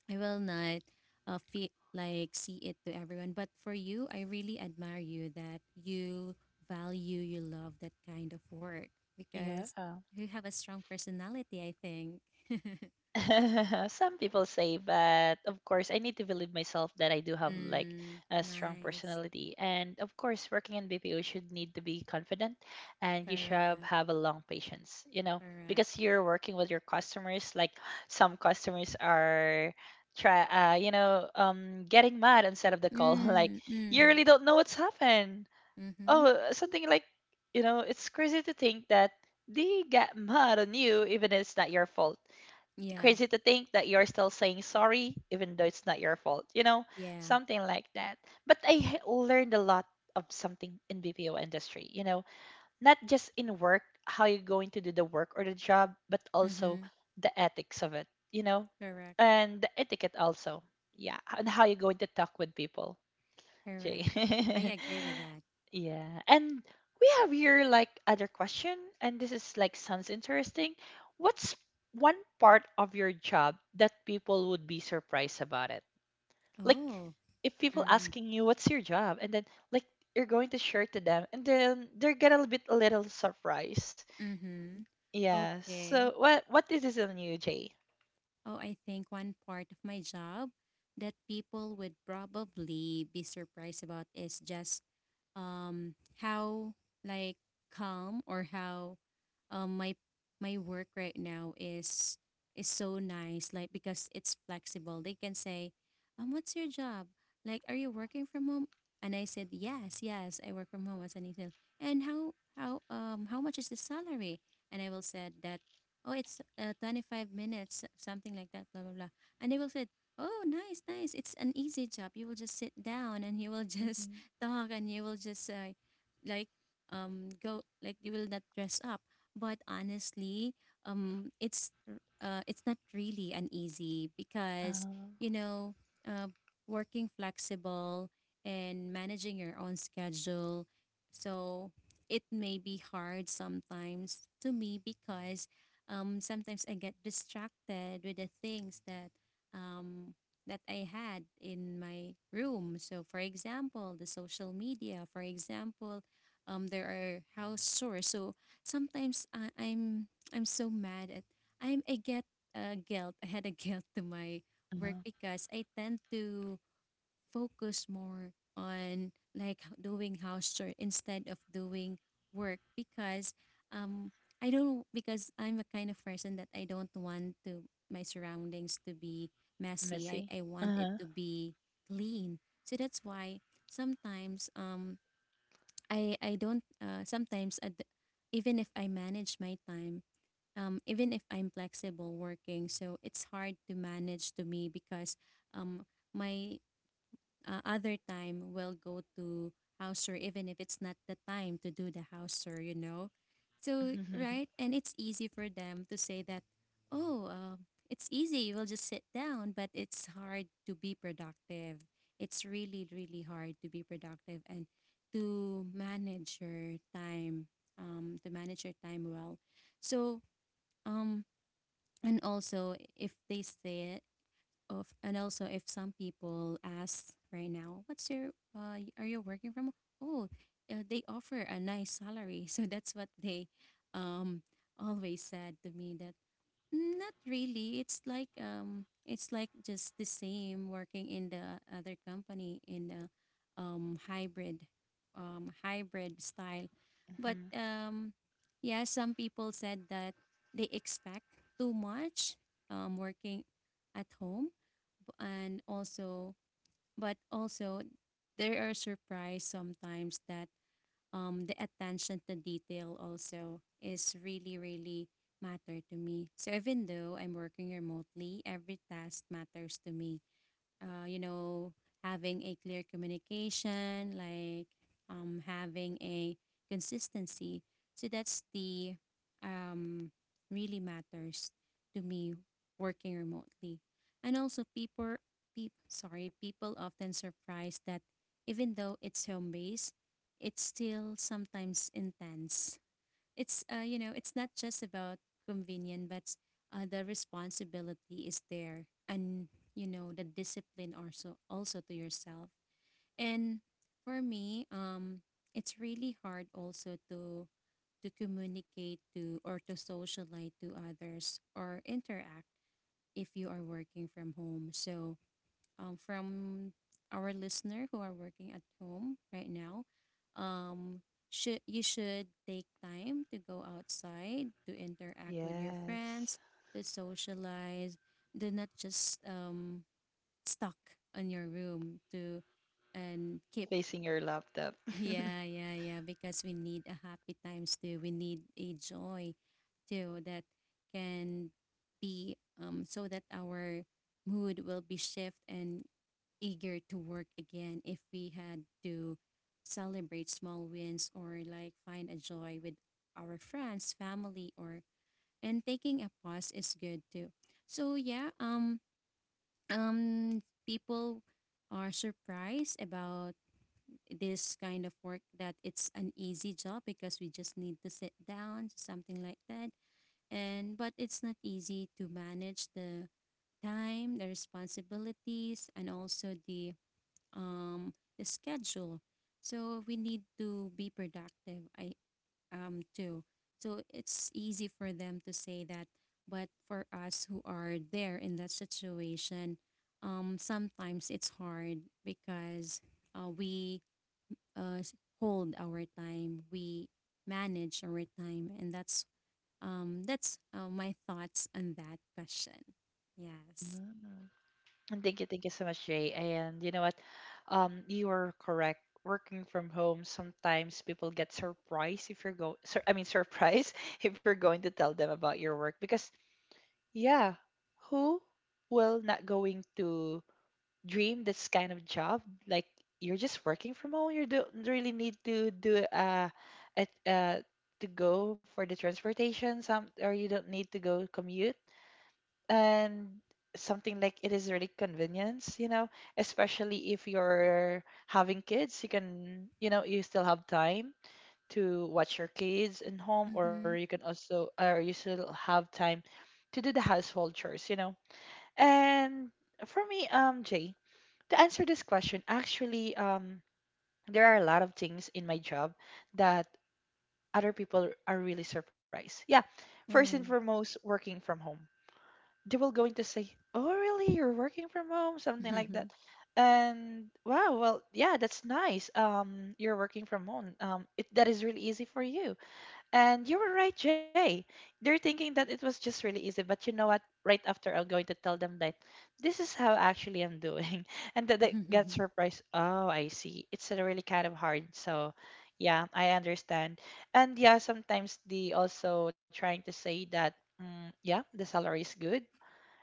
[SPEAKER 2] I will not, feel like see it to everyone. But for you, I really admire you, that you value, you love that kind of work,
[SPEAKER 1] Yeah.
[SPEAKER 2] because you have a strong personality, I think.
[SPEAKER 1] Some people say, but of course, I need to believe myself that I do have like
[SPEAKER 2] Mm,
[SPEAKER 1] a strong
[SPEAKER 2] nice.
[SPEAKER 1] personality. And of course, working in BPO should need to be confident, and you should
[SPEAKER 2] Correct.
[SPEAKER 1] have a long patience,
[SPEAKER 2] Correct.
[SPEAKER 1] because you're working with your customers. Like some customers are getting mad instead of the call. Like
[SPEAKER 2] Mm,
[SPEAKER 1] you
[SPEAKER 2] mm,
[SPEAKER 1] really don't know what's happened.
[SPEAKER 2] mm-hmm.
[SPEAKER 1] Oh, something like, it's crazy to think that they get mad on you even if it's not your fault.
[SPEAKER 2] Yeah.
[SPEAKER 1] Crazy to think that you're still saying sorry even though it's not your fault,
[SPEAKER 2] Yeah.
[SPEAKER 1] something like that. But I learned a lot of something in BPO industry. Not just in work, how you're going to do the work or the job, but also
[SPEAKER 2] Mm-hmm.
[SPEAKER 1] the ethics of it.
[SPEAKER 2] Correct.
[SPEAKER 1] And the etiquette also, yeah, and how you're going to talk with people, Jay.
[SPEAKER 2] Correct. I agree with that.
[SPEAKER 1] Yeah. And we have here like other question, and this is like sounds interesting. What's one part of your job that people would be surprised about it? Like
[SPEAKER 2] Oh.
[SPEAKER 1] if people
[SPEAKER 2] Mm-hmm.
[SPEAKER 1] asking you what's your job, and then like you're going to share to them, and then they're get a little surprise.
[SPEAKER 2] Mm-hmm.
[SPEAKER 1] Yeah. So
[SPEAKER 2] Okay.
[SPEAKER 1] what is this on you, Jay?
[SPEAKER 2] Oh, I think one part of my job that people would probably be surprised about is just, um how, like, calm, or how, um my my work right now is so nice, like, because it's flexible. They can say, "What's your job? Like, are you working from home?" And I said, "Yes, yes, I work from home as an intern." And how much is the salary? And I will said that, oh, it's, 25 minutes, something like that, blah blah blah. And they will said, oh, nice, nice, it's an easy job, you will just sit down and you will just
[SPEAKER 1] Mm-hmm.
[SPEAKER 2] talk and you will just, like, go, like, you will not dress up. But honestly, it's not really an easy, because,
[SPEAKER 1] Uh,
[SPEAKER 2] you know, uh, working flexible and managing your own schedule. So it may be hard sometimes to me because, sometimes I get distracted with the things that, um, that I had in my room. So, for example, the social media. For example, there are house chores. So sometimes I'm so mad at, I get, guilt. I had a guilt to my work
[SPEAKER 1] uh,
[SPEAKER 2] because I tend to focus more on, like, doing house chore instead of doing work. Because, um I don't, because I'm a kind of person that I don't want to, my surroundings to be messy. I,
[SPEAKER 1] Messy.
[SPEAKER 2] I want it
[SPEAKER 1] Uh-huh.
[SPEAKER 2] to be clean. So that's why sometimes, I don't, sometimes even if I manage my time, even if I'm flexible working, so it's hard to manage to me because, um my, other time we will go to house tour even if it's not the time to do the house tour, you know. So, right. And it's easy for them to say that, oh, it's easy, you will just sit down, but it's hard to be productive. It's really really hard to be productive and to manage your time, to manage your time well. So, um and also if they say it of, and also if some people ask right now, what's your, are you working from home?" Oh, they offer a nice salary. So that's what they, um always said to me that, "Mm, not really, it's like, it's like just the same working in the other company in the, hybrid, hybrid style." But,
[SPEAKER 1] Mhm.
[SPEAKER 2] yeah, some people said that they expect too much, working at home. And also, but also, there are surprise sometimes that, the attention to detail also is really really matter to me, so even though I'm working remotely, every task matters to me. You know, having a clear communication, like, having a consistency. So that's the, um, really matters to me working remotely. And also people, sorry, people often surprised that even though it's home based, it's still sometimes intense. It's, you know, it's not just about convenience, but, the responsibility is there, and you know the discipline also to yourself. And for me, it's really hard also to communicate to, or to socialize to others, or interact if you are working from home. So, from our listener who are working at home right now. Um, should You should take time to go outside to interact with your
[SPEAKER 1] Yes.
[SPEAKER 2] friends, to socialize. Do not just, stuck in your room to, and keep.
[SPEAKER 1] Facing your laptop.
[SPEAKER 2] Yeah, yeah, yeah. Because we need a happy times too. We need a joy too that can be, so that our mood will be shift and eager to work again, if we had to celebrate small wins, or like find a joy with our friends, family, or, and taking a pause is good too. So yeah, people are surprised about this kind of work, that it's an easy job because we just need to sit down, something like that. And but it's not easy to manage the time, the responsibilities, and also um, the schedule. So we need to be productive. I, too. So it's easy for them to say that, but for us who are there in that situation, sometimes it's hard because uh, we uh, s- hold our time. We manage our time, and that's my thoughts on that question. Yes.
[SPEAKER 1] Mm. And thank you so much, Jay. And you know what? You are correct. Working from home, sometimes people get surprised, if you're go. Sur- I mean, surprised if you're going to tell them about your work, because yeah, who will not going to dream this kind of job? Like you're just working from home. You don't really need to do at to go for the transportation some, or you don't need to go commute, and something like it is really convenience. Especially if you're having kids, you can you know you still have time to watch your kids in home,
[SPEAKER 2] Mm-hmm.
[SPEAKER 1] or you still have time to do the household chores. And for me, Jay, to answer this question actually, there are a lot of things in my job that other people are really surprised, yeah. First
[SPEAKER 2] Yeah.
[SPEAKER 1] and foremost, working from home, they will going to say, "Oh, really? You're working from home?" Something like that. And wow, well, yeah, that's nice. You're working from home. That is really easy for you. And you were right, Jay. They're thinking that it was just really easy, but you know what? Right after, I'm going to tell them that this is how actually I'm doing, and that they get surprised. Oh, I see. It's really kind of hard. So, yeah, I understand. And yeah, sometimes they also trying to say that, yeah, the salary is good,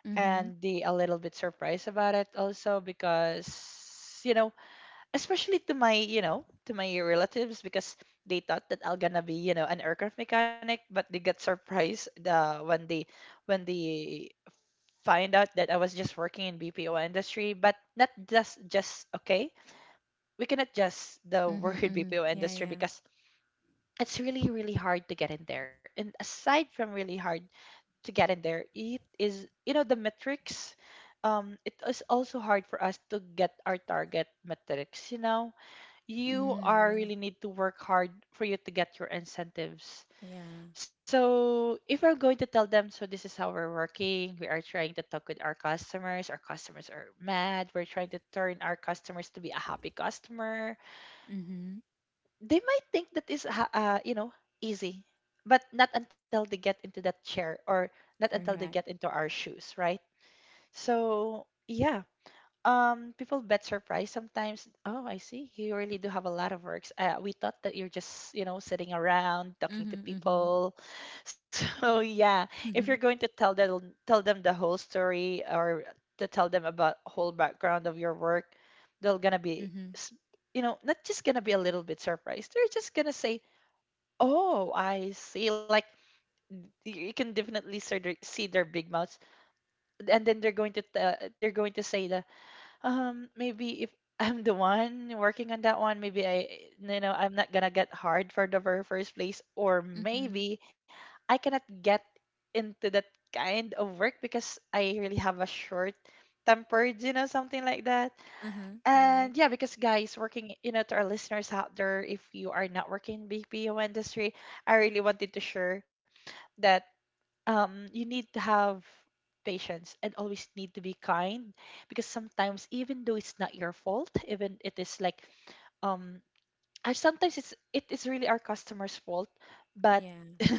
[SPEAKER 2] Mm-hmm.
[SPEAKER 1] and the a little bit surprised about it also because especially to my you know to my relatives, because they thought that I'll gonna be an aircraft mechanic, but they got surprised the when they find out that I was just working in BPO industry. But not just okay, we cannot just the word
[SPEAKER 2] Mhm, mhm.
[SPEAKER 1] BPO
[SPEAKER 2] Yeah,
[SPEAKER 1] industry,
[SPEAKER 2] yeah.
[SPEAKER 1] because it's really really hard to get in there, and aside from really hard to get in there. It is, the metrics. It is also hard for us to get our target metrics. You know, you
[SPEAKER 2] Mm,
[SPEAKER 1] are
[SPEAKER 2] yeah,
[SPEAKER 1] really need to work hard for you to get your incentives.
[SPEAKER 2] yeah.
[SPEAKER 1] So if I'm going to tell them, so this is how we're working, we are trying to talk with our customers are mad, we're trying to turn our customers to be a happy customer,
[SPEAKER 2] Mhm.
[SPEAKER 1] they might think that is easy, but not until they get into that chair, or not until they get
[SPEAKER 2] Correct.
[SPEAKER 1] into our shoes, right? So yeah, people bet surprise sometimes. Oh, I see, you really do have a lot of works, we thought that you're just sitting around talking to
[SPEAKER 2] Mhm, mhm.
[SPEAKER 1] people. So yeah, if you're going
[SPEAKER 2] Mhm,
[SPEAKER 1] to tell them the whole story, or to tell them about whole background of your work, they're gonna be
[SPEAKER 2] mhm,
[SPEAKER 1] not just gonna be a little bit surprised. They're just gonna say, oh, I see, like you can definitely see their big mouths. And then they're going to say the maybe if I'm the one working on that one, maybe I, I'm not gonna get hard for the very first place, or
[SPEAKER 2] mhm.
[SPEAKER 1] maybe I cannot get into that kind of work because I really have a short temper, something like that.
[SPEAKER 2] Mhm. You're right.
[SPEAKER 1] And yeah, because guys, working, to our listeners out there, if you are not working in BPO industry, I really wanted to share that you need to have patience and always need to be kind, because sometimes even though it's not your fault, even it is like um and sometimes it is really our customer's fault, but
[SPEAKER 2] Yeah.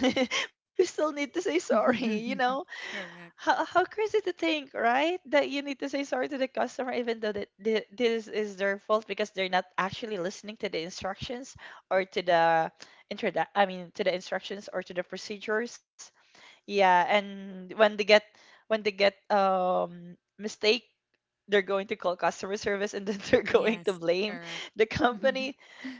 [SPEAKER 1] we still need to say sorry.
[SPEAKER 2] Correct.
[SPEAKER 1] How crazy to think, right, that you need to say sorry to the customer even though that this is their fault, because they're not actually listening to the instructions, or to the I mean to the instructions or to the procedures. Yeah, and when they get mistake, they're going to call customer service, and then they're going to
[SPEAKER 2] Yes,
[SPEAKER 1] blame
[SPEAKER 2] correct.
[SPEAKER 1] the company.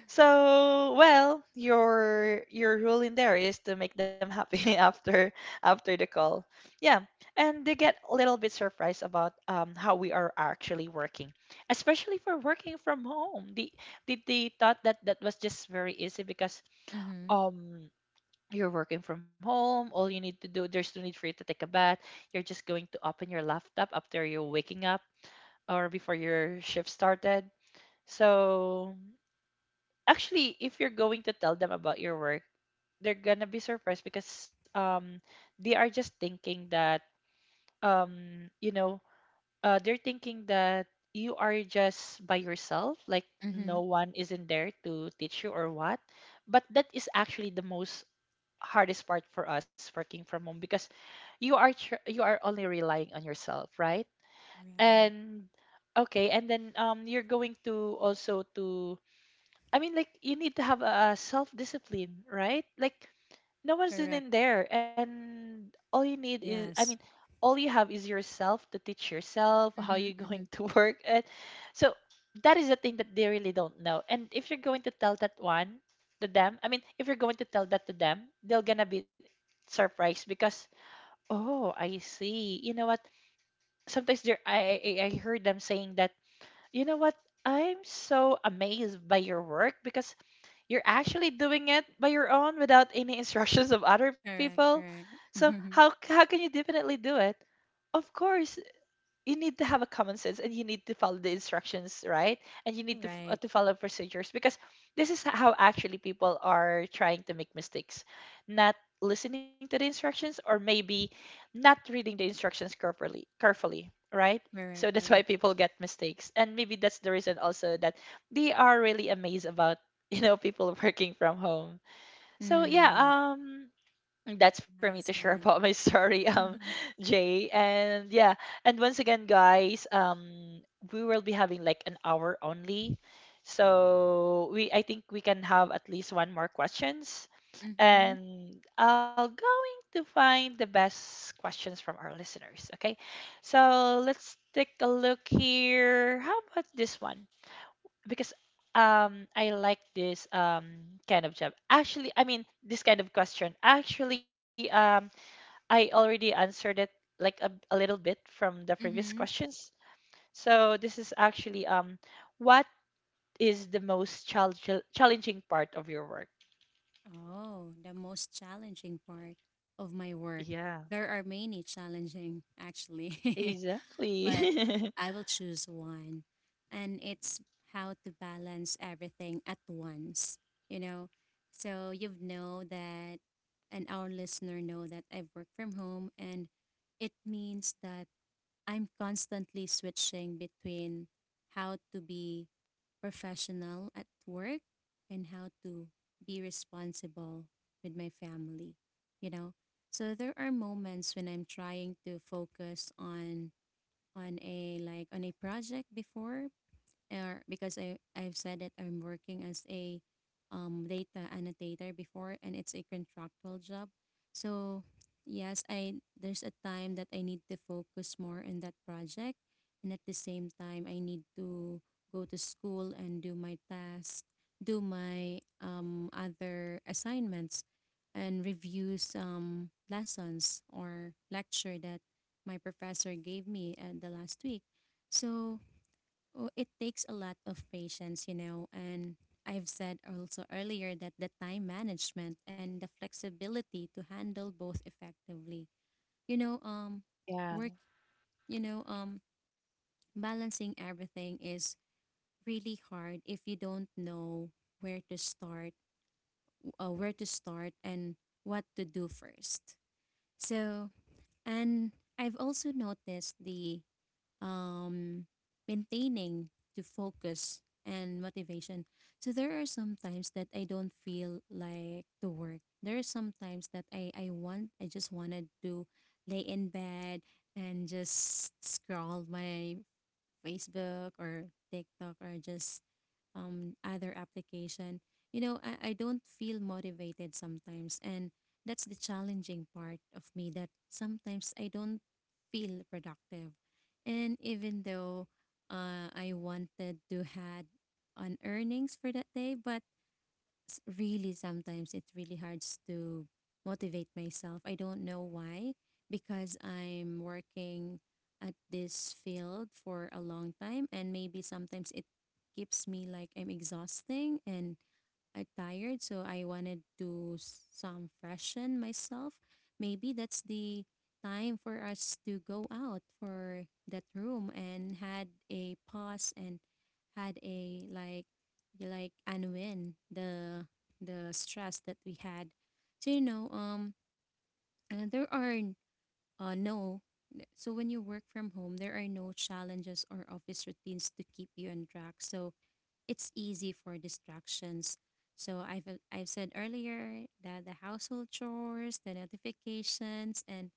[SPEAKER 1] So, well, your rule in there is to make them happy after the call. Yeah. And they get a little bit surprised about how we are actually working, especially for working from home. They thought that that was just very easy, because
[SPEAKER 2] Mhm.
[SPEAKER 1] um you're working from home. All you need to do, there's no need for you to take a bath. You're just going to open your laptop after you're waking up, or before your shift started. So actually, if you're going to tell them about your work, they're gonna be surprised, because they are just thinking that um you know they're thinking that you are just by yourself, like no
[SPEAKER 2] Mhm.
[SPEAKER 1] one isn't there to teach you or what. But that is actually the most hardest part for us working from home, because you are you are only relying on yourself, right?
[SPEAKER 2] Right.
[SPEAKER 1] And okay, and then you're going to also to I mean, like, you need to have a self discipline, right? Like no one's in
[SPEAKER 2] Correct.
[SPEAKER 1] in there, and all you need is I mean
[SPEAKER 2] Yes.
[SPEAKER 1] all you have is yourself to teach yourself how you're
[SPEAKER 2] Mhm,
[SPEAKER 1] going
[SPEAKER 2] mhm.
[SPEAKER 1] to work, and so that is the thing that they really don't know, and if you're going to tell that one to them I mean, if you're going to tell that to them, they're gonna be surprised, because oh, I see, you know what. Sometimes they I heard them saying that, you know what, I'm so amazed by your work because you're actually doing it by your own without any instructions of other
[SPEAKER 2] Correct,
[SPEAKER 1] people.
[SPEAKER 2] correct.
[SPEAKER 1] So how
[SPEAKER 2] Mhm.
[SPEAKER 1] how can you definitely do it? Of course, you need to have a common sense, and you need to follow the instructions, right, and you need to f- uh,
[SPEAKER 2] Right.
[SPEAKER 1] to follow procedures, because this is how actually people are trying to make mistakes, not listening to the instructions, or maybe not reading the instructions carefully, carefully, right. So
[SPEAKER 2] Correct,
[SPEAKER 1] that's why
[SPEAKER 2] correct.
[SPEAKER 1] people get mistakes, and maybe that's the reason also that they are really amazed about people working from home. So yeah,
[SPEAKER 2] Mm.
[SPEAKER 1] that's for me to
[SPEAKER 2] Nice
[SPEAKER 1] share about
[SPEAKER 2] one.
[SPEAKER 1] my story Jay, and yeah, and once again, guys, we will be having like an hour only, so we I think we can have at least one more questions.
[SPEAKER 2] Mhm.
[SPEAKER 1] And I'll going to find the best questions from our listeners, okay? So let's take a look here, how about this one, because I like this kind of job actually, I mean this kind of question actually, I already answered it like a little bit from the previous
[SPEAKER 2] Mhm.
[SPEAKER 1] questions. So this is actually what is the most challenging part of your work?
[SPEAKER 2] Oh, the most challenging part of my
[SPEAKER 1] Yeah.
[SPEAKER 2] work. There are many challenging, actually, but
[SPEAKER 1] Exactly.
[SPEAKER 2] I will choose one. And it's how to balance everything at once, you know? So you've know that, and our listener know that I work from home, and it means that I'm constantly switching between how to be professional at work and how to be responsible with my family, you know? So there are moments when I'm trying to focus on a like on a project before or because I've said that I'm working as a data annotator before, and it's a contractual job. So yes, I there's a time that I need to focus more on that project, and at the same time, I need to go to school and do my tasks, do my other assignments, and review some lessons or lecture that my professor gave me the last week. So oh, it takes a lot of patience, you know, and I've said also earlier that the time management and the flexibility to handle both effectively. You know,
[SPEAKER 1] Yeah.
[SPEAKER 2] work, you know, balancing everything is really hard if you don't know where to start, where to start and what to do first. So, and I've also noticed the um, maintaining to focus and motivation. So there are some times that I don't feel like to work. There are some times that I want I just wanted to lay in bed and just scroll my Facebook or TikTok or just other application, you know, I don't feel motivated sometimes. And that's the challenging part of me that sometimes I don't feel productive. And even though I wanted to had an earnings for that day, but really sometimes it really hard to motivate myself. I don't know why because I'm working at this field for a long time and maybe sometimes it keeps me like I'm exhausting and are tired, so I wanted to some freshen myself. Maybe that's the time for us to go out for that room and had a pause and had a like unwind the stress that we had. So you know, there are no so when you work from home, there are no challenges or office routines to keep you on track. So it's easy for distractions. So I've said earlier that the household chores, the notifications, and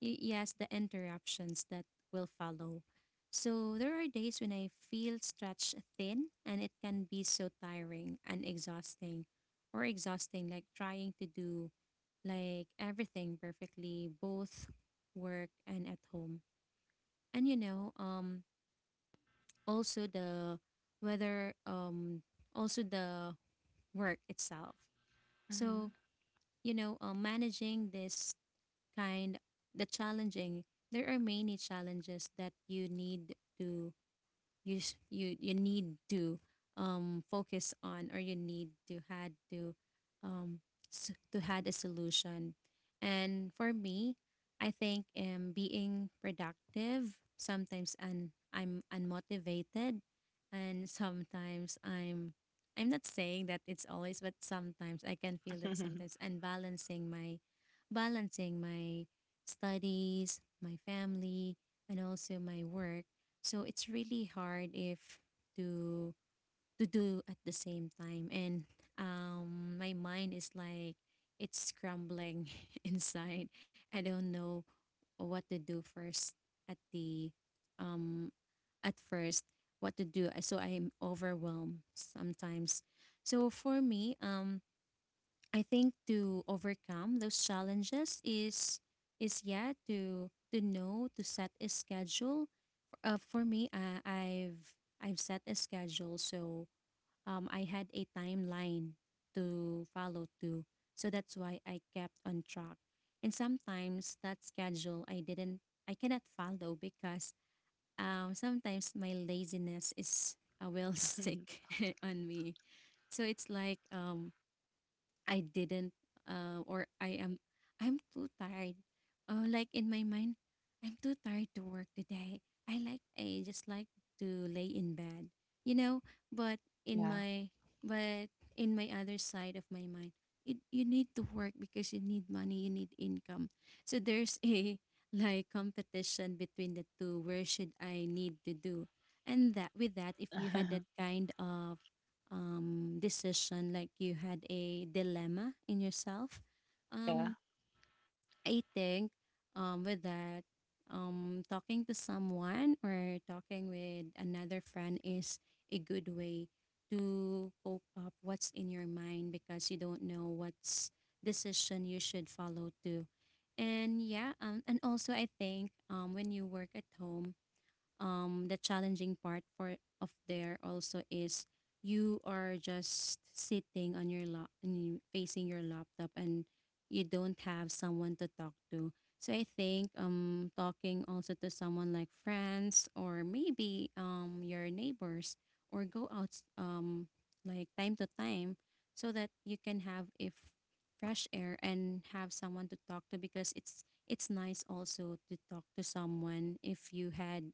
[SPEAKER 2] yes, the interruptions that will follow. So there are days when I feel stretched thin, and it can be so tiring and exhausting, or exhausting like trying to do like everything perfectly, both work and at home. And you know, also the whether also the work itself.
[SPEAKER 1] Mhm.
[SPEAKER 2] So, you know, managing this kind, the challenging, there are many challenges that you need to you sh- you need to focus on or you need to had to um to had a solution and for me I think being productive sometimes and I'm unmotivated and sometimes I'm not saying that it's always but sometimes I can feel it sometimes and balancing my studies my family and also my work so it's really hard if to to do at the same time and my mind is like it's scrambling inside. I don't know what to do first at the um at first what to do so I am overwhelmed sometimes. So for me I think to overcome those challenges is yeah to know to set a schedule . For me, I've set a schedule, so I had a timeline to follow to, so that's why I kept on track. And sometimes that schedule I didn't, I cannot follow because sometimes my laziness is will stick on me. So it's like I didn't , or I'm too tired. Like in my mind, I'm too tired to work today. I like I just like to lay in bed, you know. But in
[SPEAKER 1] Yeah.
[SPEAKER 2] my but in my other side of my mind, it, you need to work because you need money, you need income. So there's a like competition between the two. Where should I need to do? And that with that, if you had that kind of decision, like you had a dilemma in yourself.
[SPEAKER 1] Yeah.
[SPEAKER 2] Um, I think with that, talking to someone or talking with another friend is a good way to cope up what's in your mind because you don't know what's decision you should follow to. And yeah, and also I think when you work at home, the challenging part for of there also is you are just sitting on your lap facing your laptop and you don't have someone to talk to so I think talking also to someone like friends or maybe your neighbors or go out like time to time so that you can have if fresh air and have someone to talk to because it's nice also to talk to someone if you had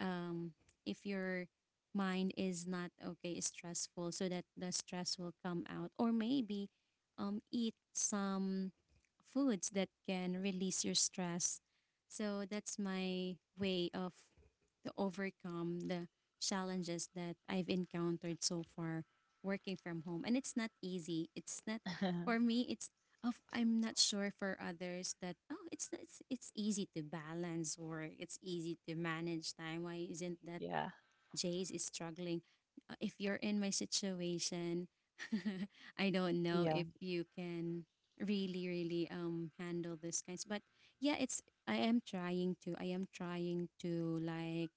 [SPEAKER 2] um, if your mind is not okay, stressful, so that the stress will come out. Or maybe eat some foods that can release your stress. So that's my way of to overcome the challenges that I've encountered so far working from home. And it's not easy. It's not for me. It's of I'm not sure for others that oh it's it's easy to balance or it's easy to manage time. Why isn't that
[SPEAKER 1] Yeah.
[SPEAKER 2] Jace is struggling? If you're in my situation, I don't know if
[SPEAKER 1] Yeah.
[SPEAKER 2] you can really really handle those kinds. But yeah, it's I am trying to I am trying to like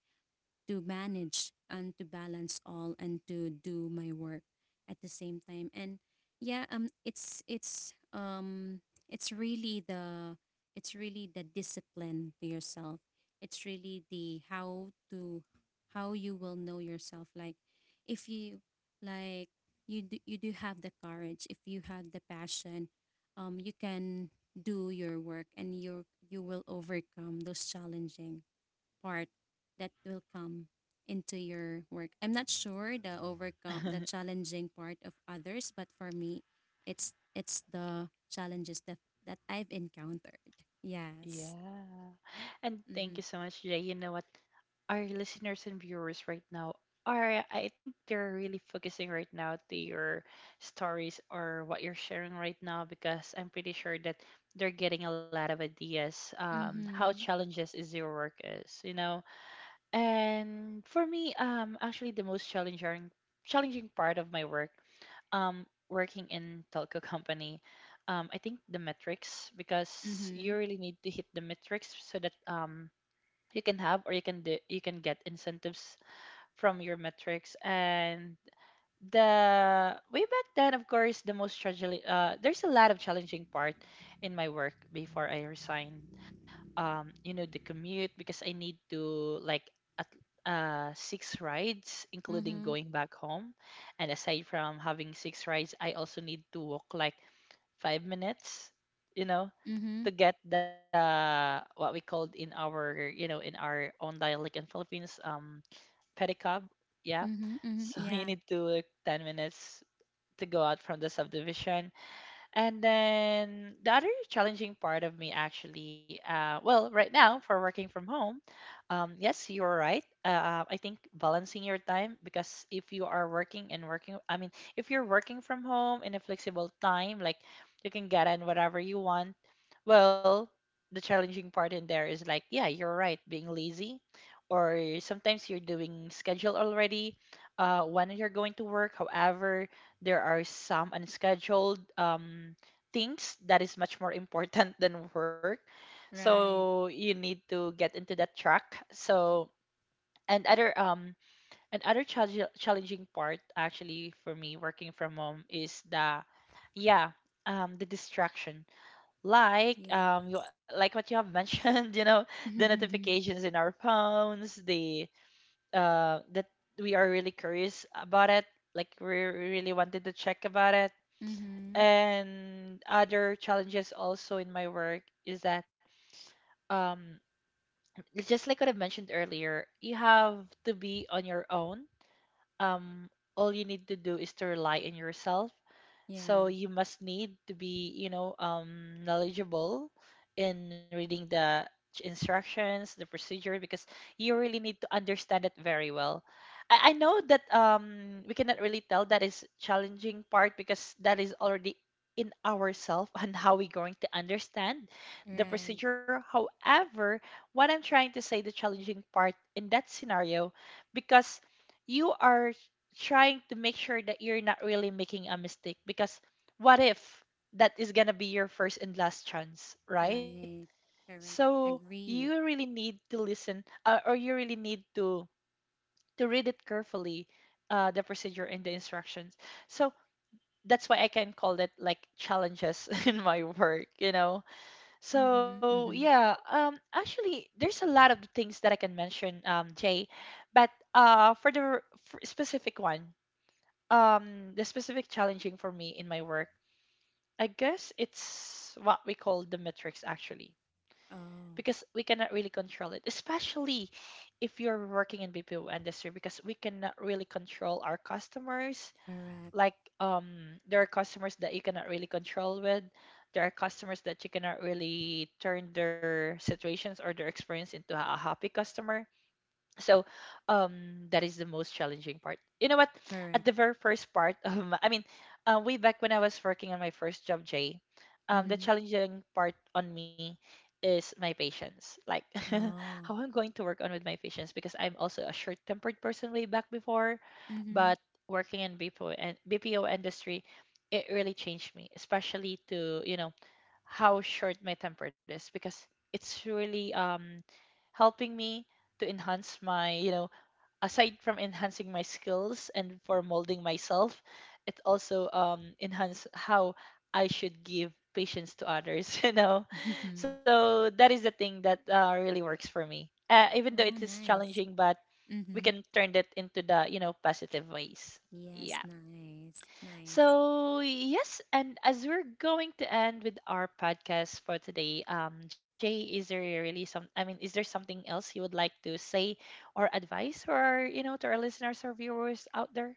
[SPEAKER 2] to manage and to balance all and to do my work at the same time. And yeah, it's really the it's really the discipline to yourself. It's really the how to how you will know yourself like if you like you do have the courage if you have the passion you can do your work and you will overcome those challenging part that will come into your work. I'm not sure the overcome the challenging part of others, but for me, it's the challenges that that I've encountered. Yes.
[SPEAKER 1] Yeah. And
[SPEAKER 2] Mhm.
[SPEAKER 1] thank you so much, Jay. You know what? Our listeners and viewers right now are, I think they're really focusing right now to your stories or what you're sharing right now, because I'm pretty sure that they're getting a lot of ideas how
[SPEAKER 2] Mhm.
[SPEAKER 1] challenges is your work is. And for me actually, the most challenging part of my work, working in telco company, I think the metrics, because you
[SPEAKER 2] Mhm.
[SPEAKER 1] really need to hit the metrics so that you can have, or you can do, you can get incentives from your metrics. And the way back then, of course, the most tragedy, there's a lot of challenging part in my work before I resigned. You know, the commute, because I need to like, at 6 rides including
[SPEAKER 2] Mhm.
[SPEAKER 1] going back home. And aside from having 6 rides, I also need to walk like 5 minutes, you know,
[SPEAKER 2] Mhm.
[SPEAKER 1] to get the what we called in our, you know, in our own dialect in Philippines, pedicab. Yeah.
[SPEAKER 2] Mhm. Mhm.
[SPEAKER 1] So you
[SPEAKER 2] Yeah.
[SPEAKER 1] need to look 10 minutes to go out from the subdivision. And then the other challenging part of me actually, well, right now for working from home, yes, you're right. I think balancing your time, because if you are working and working, I mean, if you're working from home in a flexible time, like you can get in whatever you want. Well, the challenging part in there is like, yeah, you're right, being lazy, or sometimes you're doing schedule already, when you're going to work. However, there are some unscheduled things that is much more important than work, so
[SPEAKER 2] Right.
[SPEAKER 1] you need to get into that track. So and other and other challenge challenging part actually for me working from home is the, yeah, the distraction, like you,
[SPEAKER 2] Yes.
[SPEAKER 1] like what you have mentioned, you know, the
[SPEAKER 2] Mhm.
[SPEAKER 1] notifications in our phones, the that we are really curious about it, like we really wanted to check about it.
[SPEAKER 2] Mhm.
[SPEAKER 1] And other challenges also in my work is that um it's just like what I've mentioned earlier, you have to be on your own. Um all you need to do is to rely on yourself, so
[SPEAKER 2] Yeah.
[SPEAKER 1] you must need to be, you know, knowledgeable in reading the instructions, the procedure, because you really need to understand it very well. I know that we cannot really tell that is challenging part because that is already in ourself and how we're going to understand the
[SPEAKER 2] Right.
[SPEAKER 1] procedure. However, what I'm trying to say, the challenging part in that scenario, because you are trying to make sure that you're not really making a mistake, because what if that is going to be your first and last chance, right?
[SPEAKER 2] Right. Correct.
[SPEAKER 1] So you
[SPEAKER 2] Agree.
[SPEAKER 1] really need to listen, or you really need to read it carefully, the procedure and the instructions. So that's why I can call it like challenges in my work, you know. So
[SPEAKER 2] Mhm.
[SPEAKER 1] yeah,
[SPEAKER 2] Mhm.
[SPEAKER 1] actually there's a lot of things that I can mention Jay, but for the specific one, the specific challenging for me in my work, I guess it's what we call the metrics actually, because
[SPEAKER 2] Oh,
[SPEAKER 1] we cannot really control it, especially if you're working in BPO industry, because we cannot really control our customers,
[SPEAKER 2] correct.
[SPEAKER 1] like there are customers that you cannot really control with, there are customers that you cannot really turn their situations or their experience into a happy customer. So that is the most challenging part. You know what? At the
[SPEAKER 2] Correct.
[SPEAKER 1] very first part, I mean, way back when I was working on my first job, Jay, the
[SPEAKER 2] Mhm.
[SPEAKER 1] challenging part on me is my patience. Like, how
[SPEAKER 2] Oh.
[SPEAKER 1] I'm going to work on with my patience, because I'm also a short-tempered person way back before,
[SPEAKER 2] Mm-hmm.
[SPEAKER 1] but working in BPO and BPO industry, it really changed me, especially to, you know, how short my temper is, because it's really helping me to enhance my, you know, aside from enhancing my skills and for molding myself, it also enhance how I should give patience to others, you know. So that is the thing that really works for me, even though it
[SPEAKER 2] Oh,
[SPEAKER 1] is
[SPEAKER 2] nice.
[SPEAKER 1] challenging, but we
[SPEAKER 2] Mm-hmm.
[SPEAKER 1] can turn that into the, you know, positive ways. Yeah.
[SPEAKER 2] Yes, nice. Nice.
[SPEAKER 1] So, yes, and as we're going to end with our podcast for today, Jay, is there really some, I mean, is there something else you would like to say, or advice, or, you know, to our listeners or viewers out there?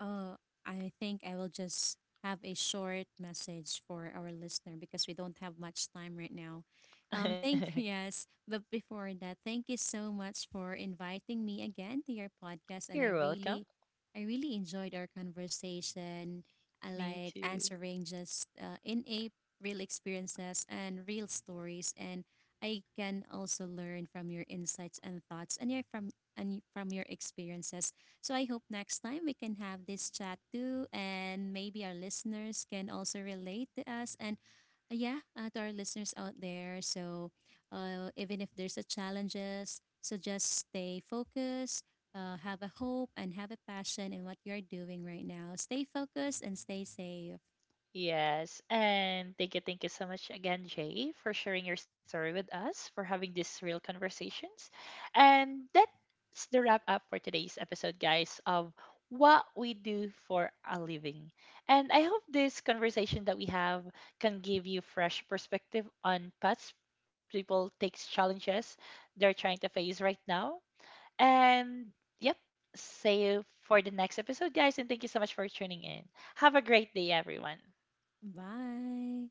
[SPEAKER 2] Uh, I think I will just have a short message for our listener because we don't have much time right now. Thank yes, but before that, thank you so much for inviting me again to your podcast, and
[SPEAKER 1] You're welcome.
[SPEAKER 2] I really enjoyed our conversation. I
[SPEAKER 1] Me
[SPEAKER 2] like
[SPEAKER 1] too.
[SPEAKER 2] answering just in a real experiences and real stories, and I can also learn from your insights and thoughts and your from and from your experiences. So I hope next time we can have this chat too, and maybe our listeners can also relate to us and yeah, to our listeners out there. So even if there's a challenges, so just stay focused, have a hope, and have a passion in what you're doing right now. Stay focused and stay safe.
[SPEAKER 1] Yes, and thank you so much again, Jay, for sharing your story with us, for having these real conversations. And that's the wrap up for today's episode, guys, of what we do for a living. And I hope this conversation that we have can give you fresh perspective on paths people takes, challenges they're trying to face right now. And yep, see you for the next episode, guys, and thank you so much for tuning in. Have a great day, everyone.
[SPEAKER 2] Bye.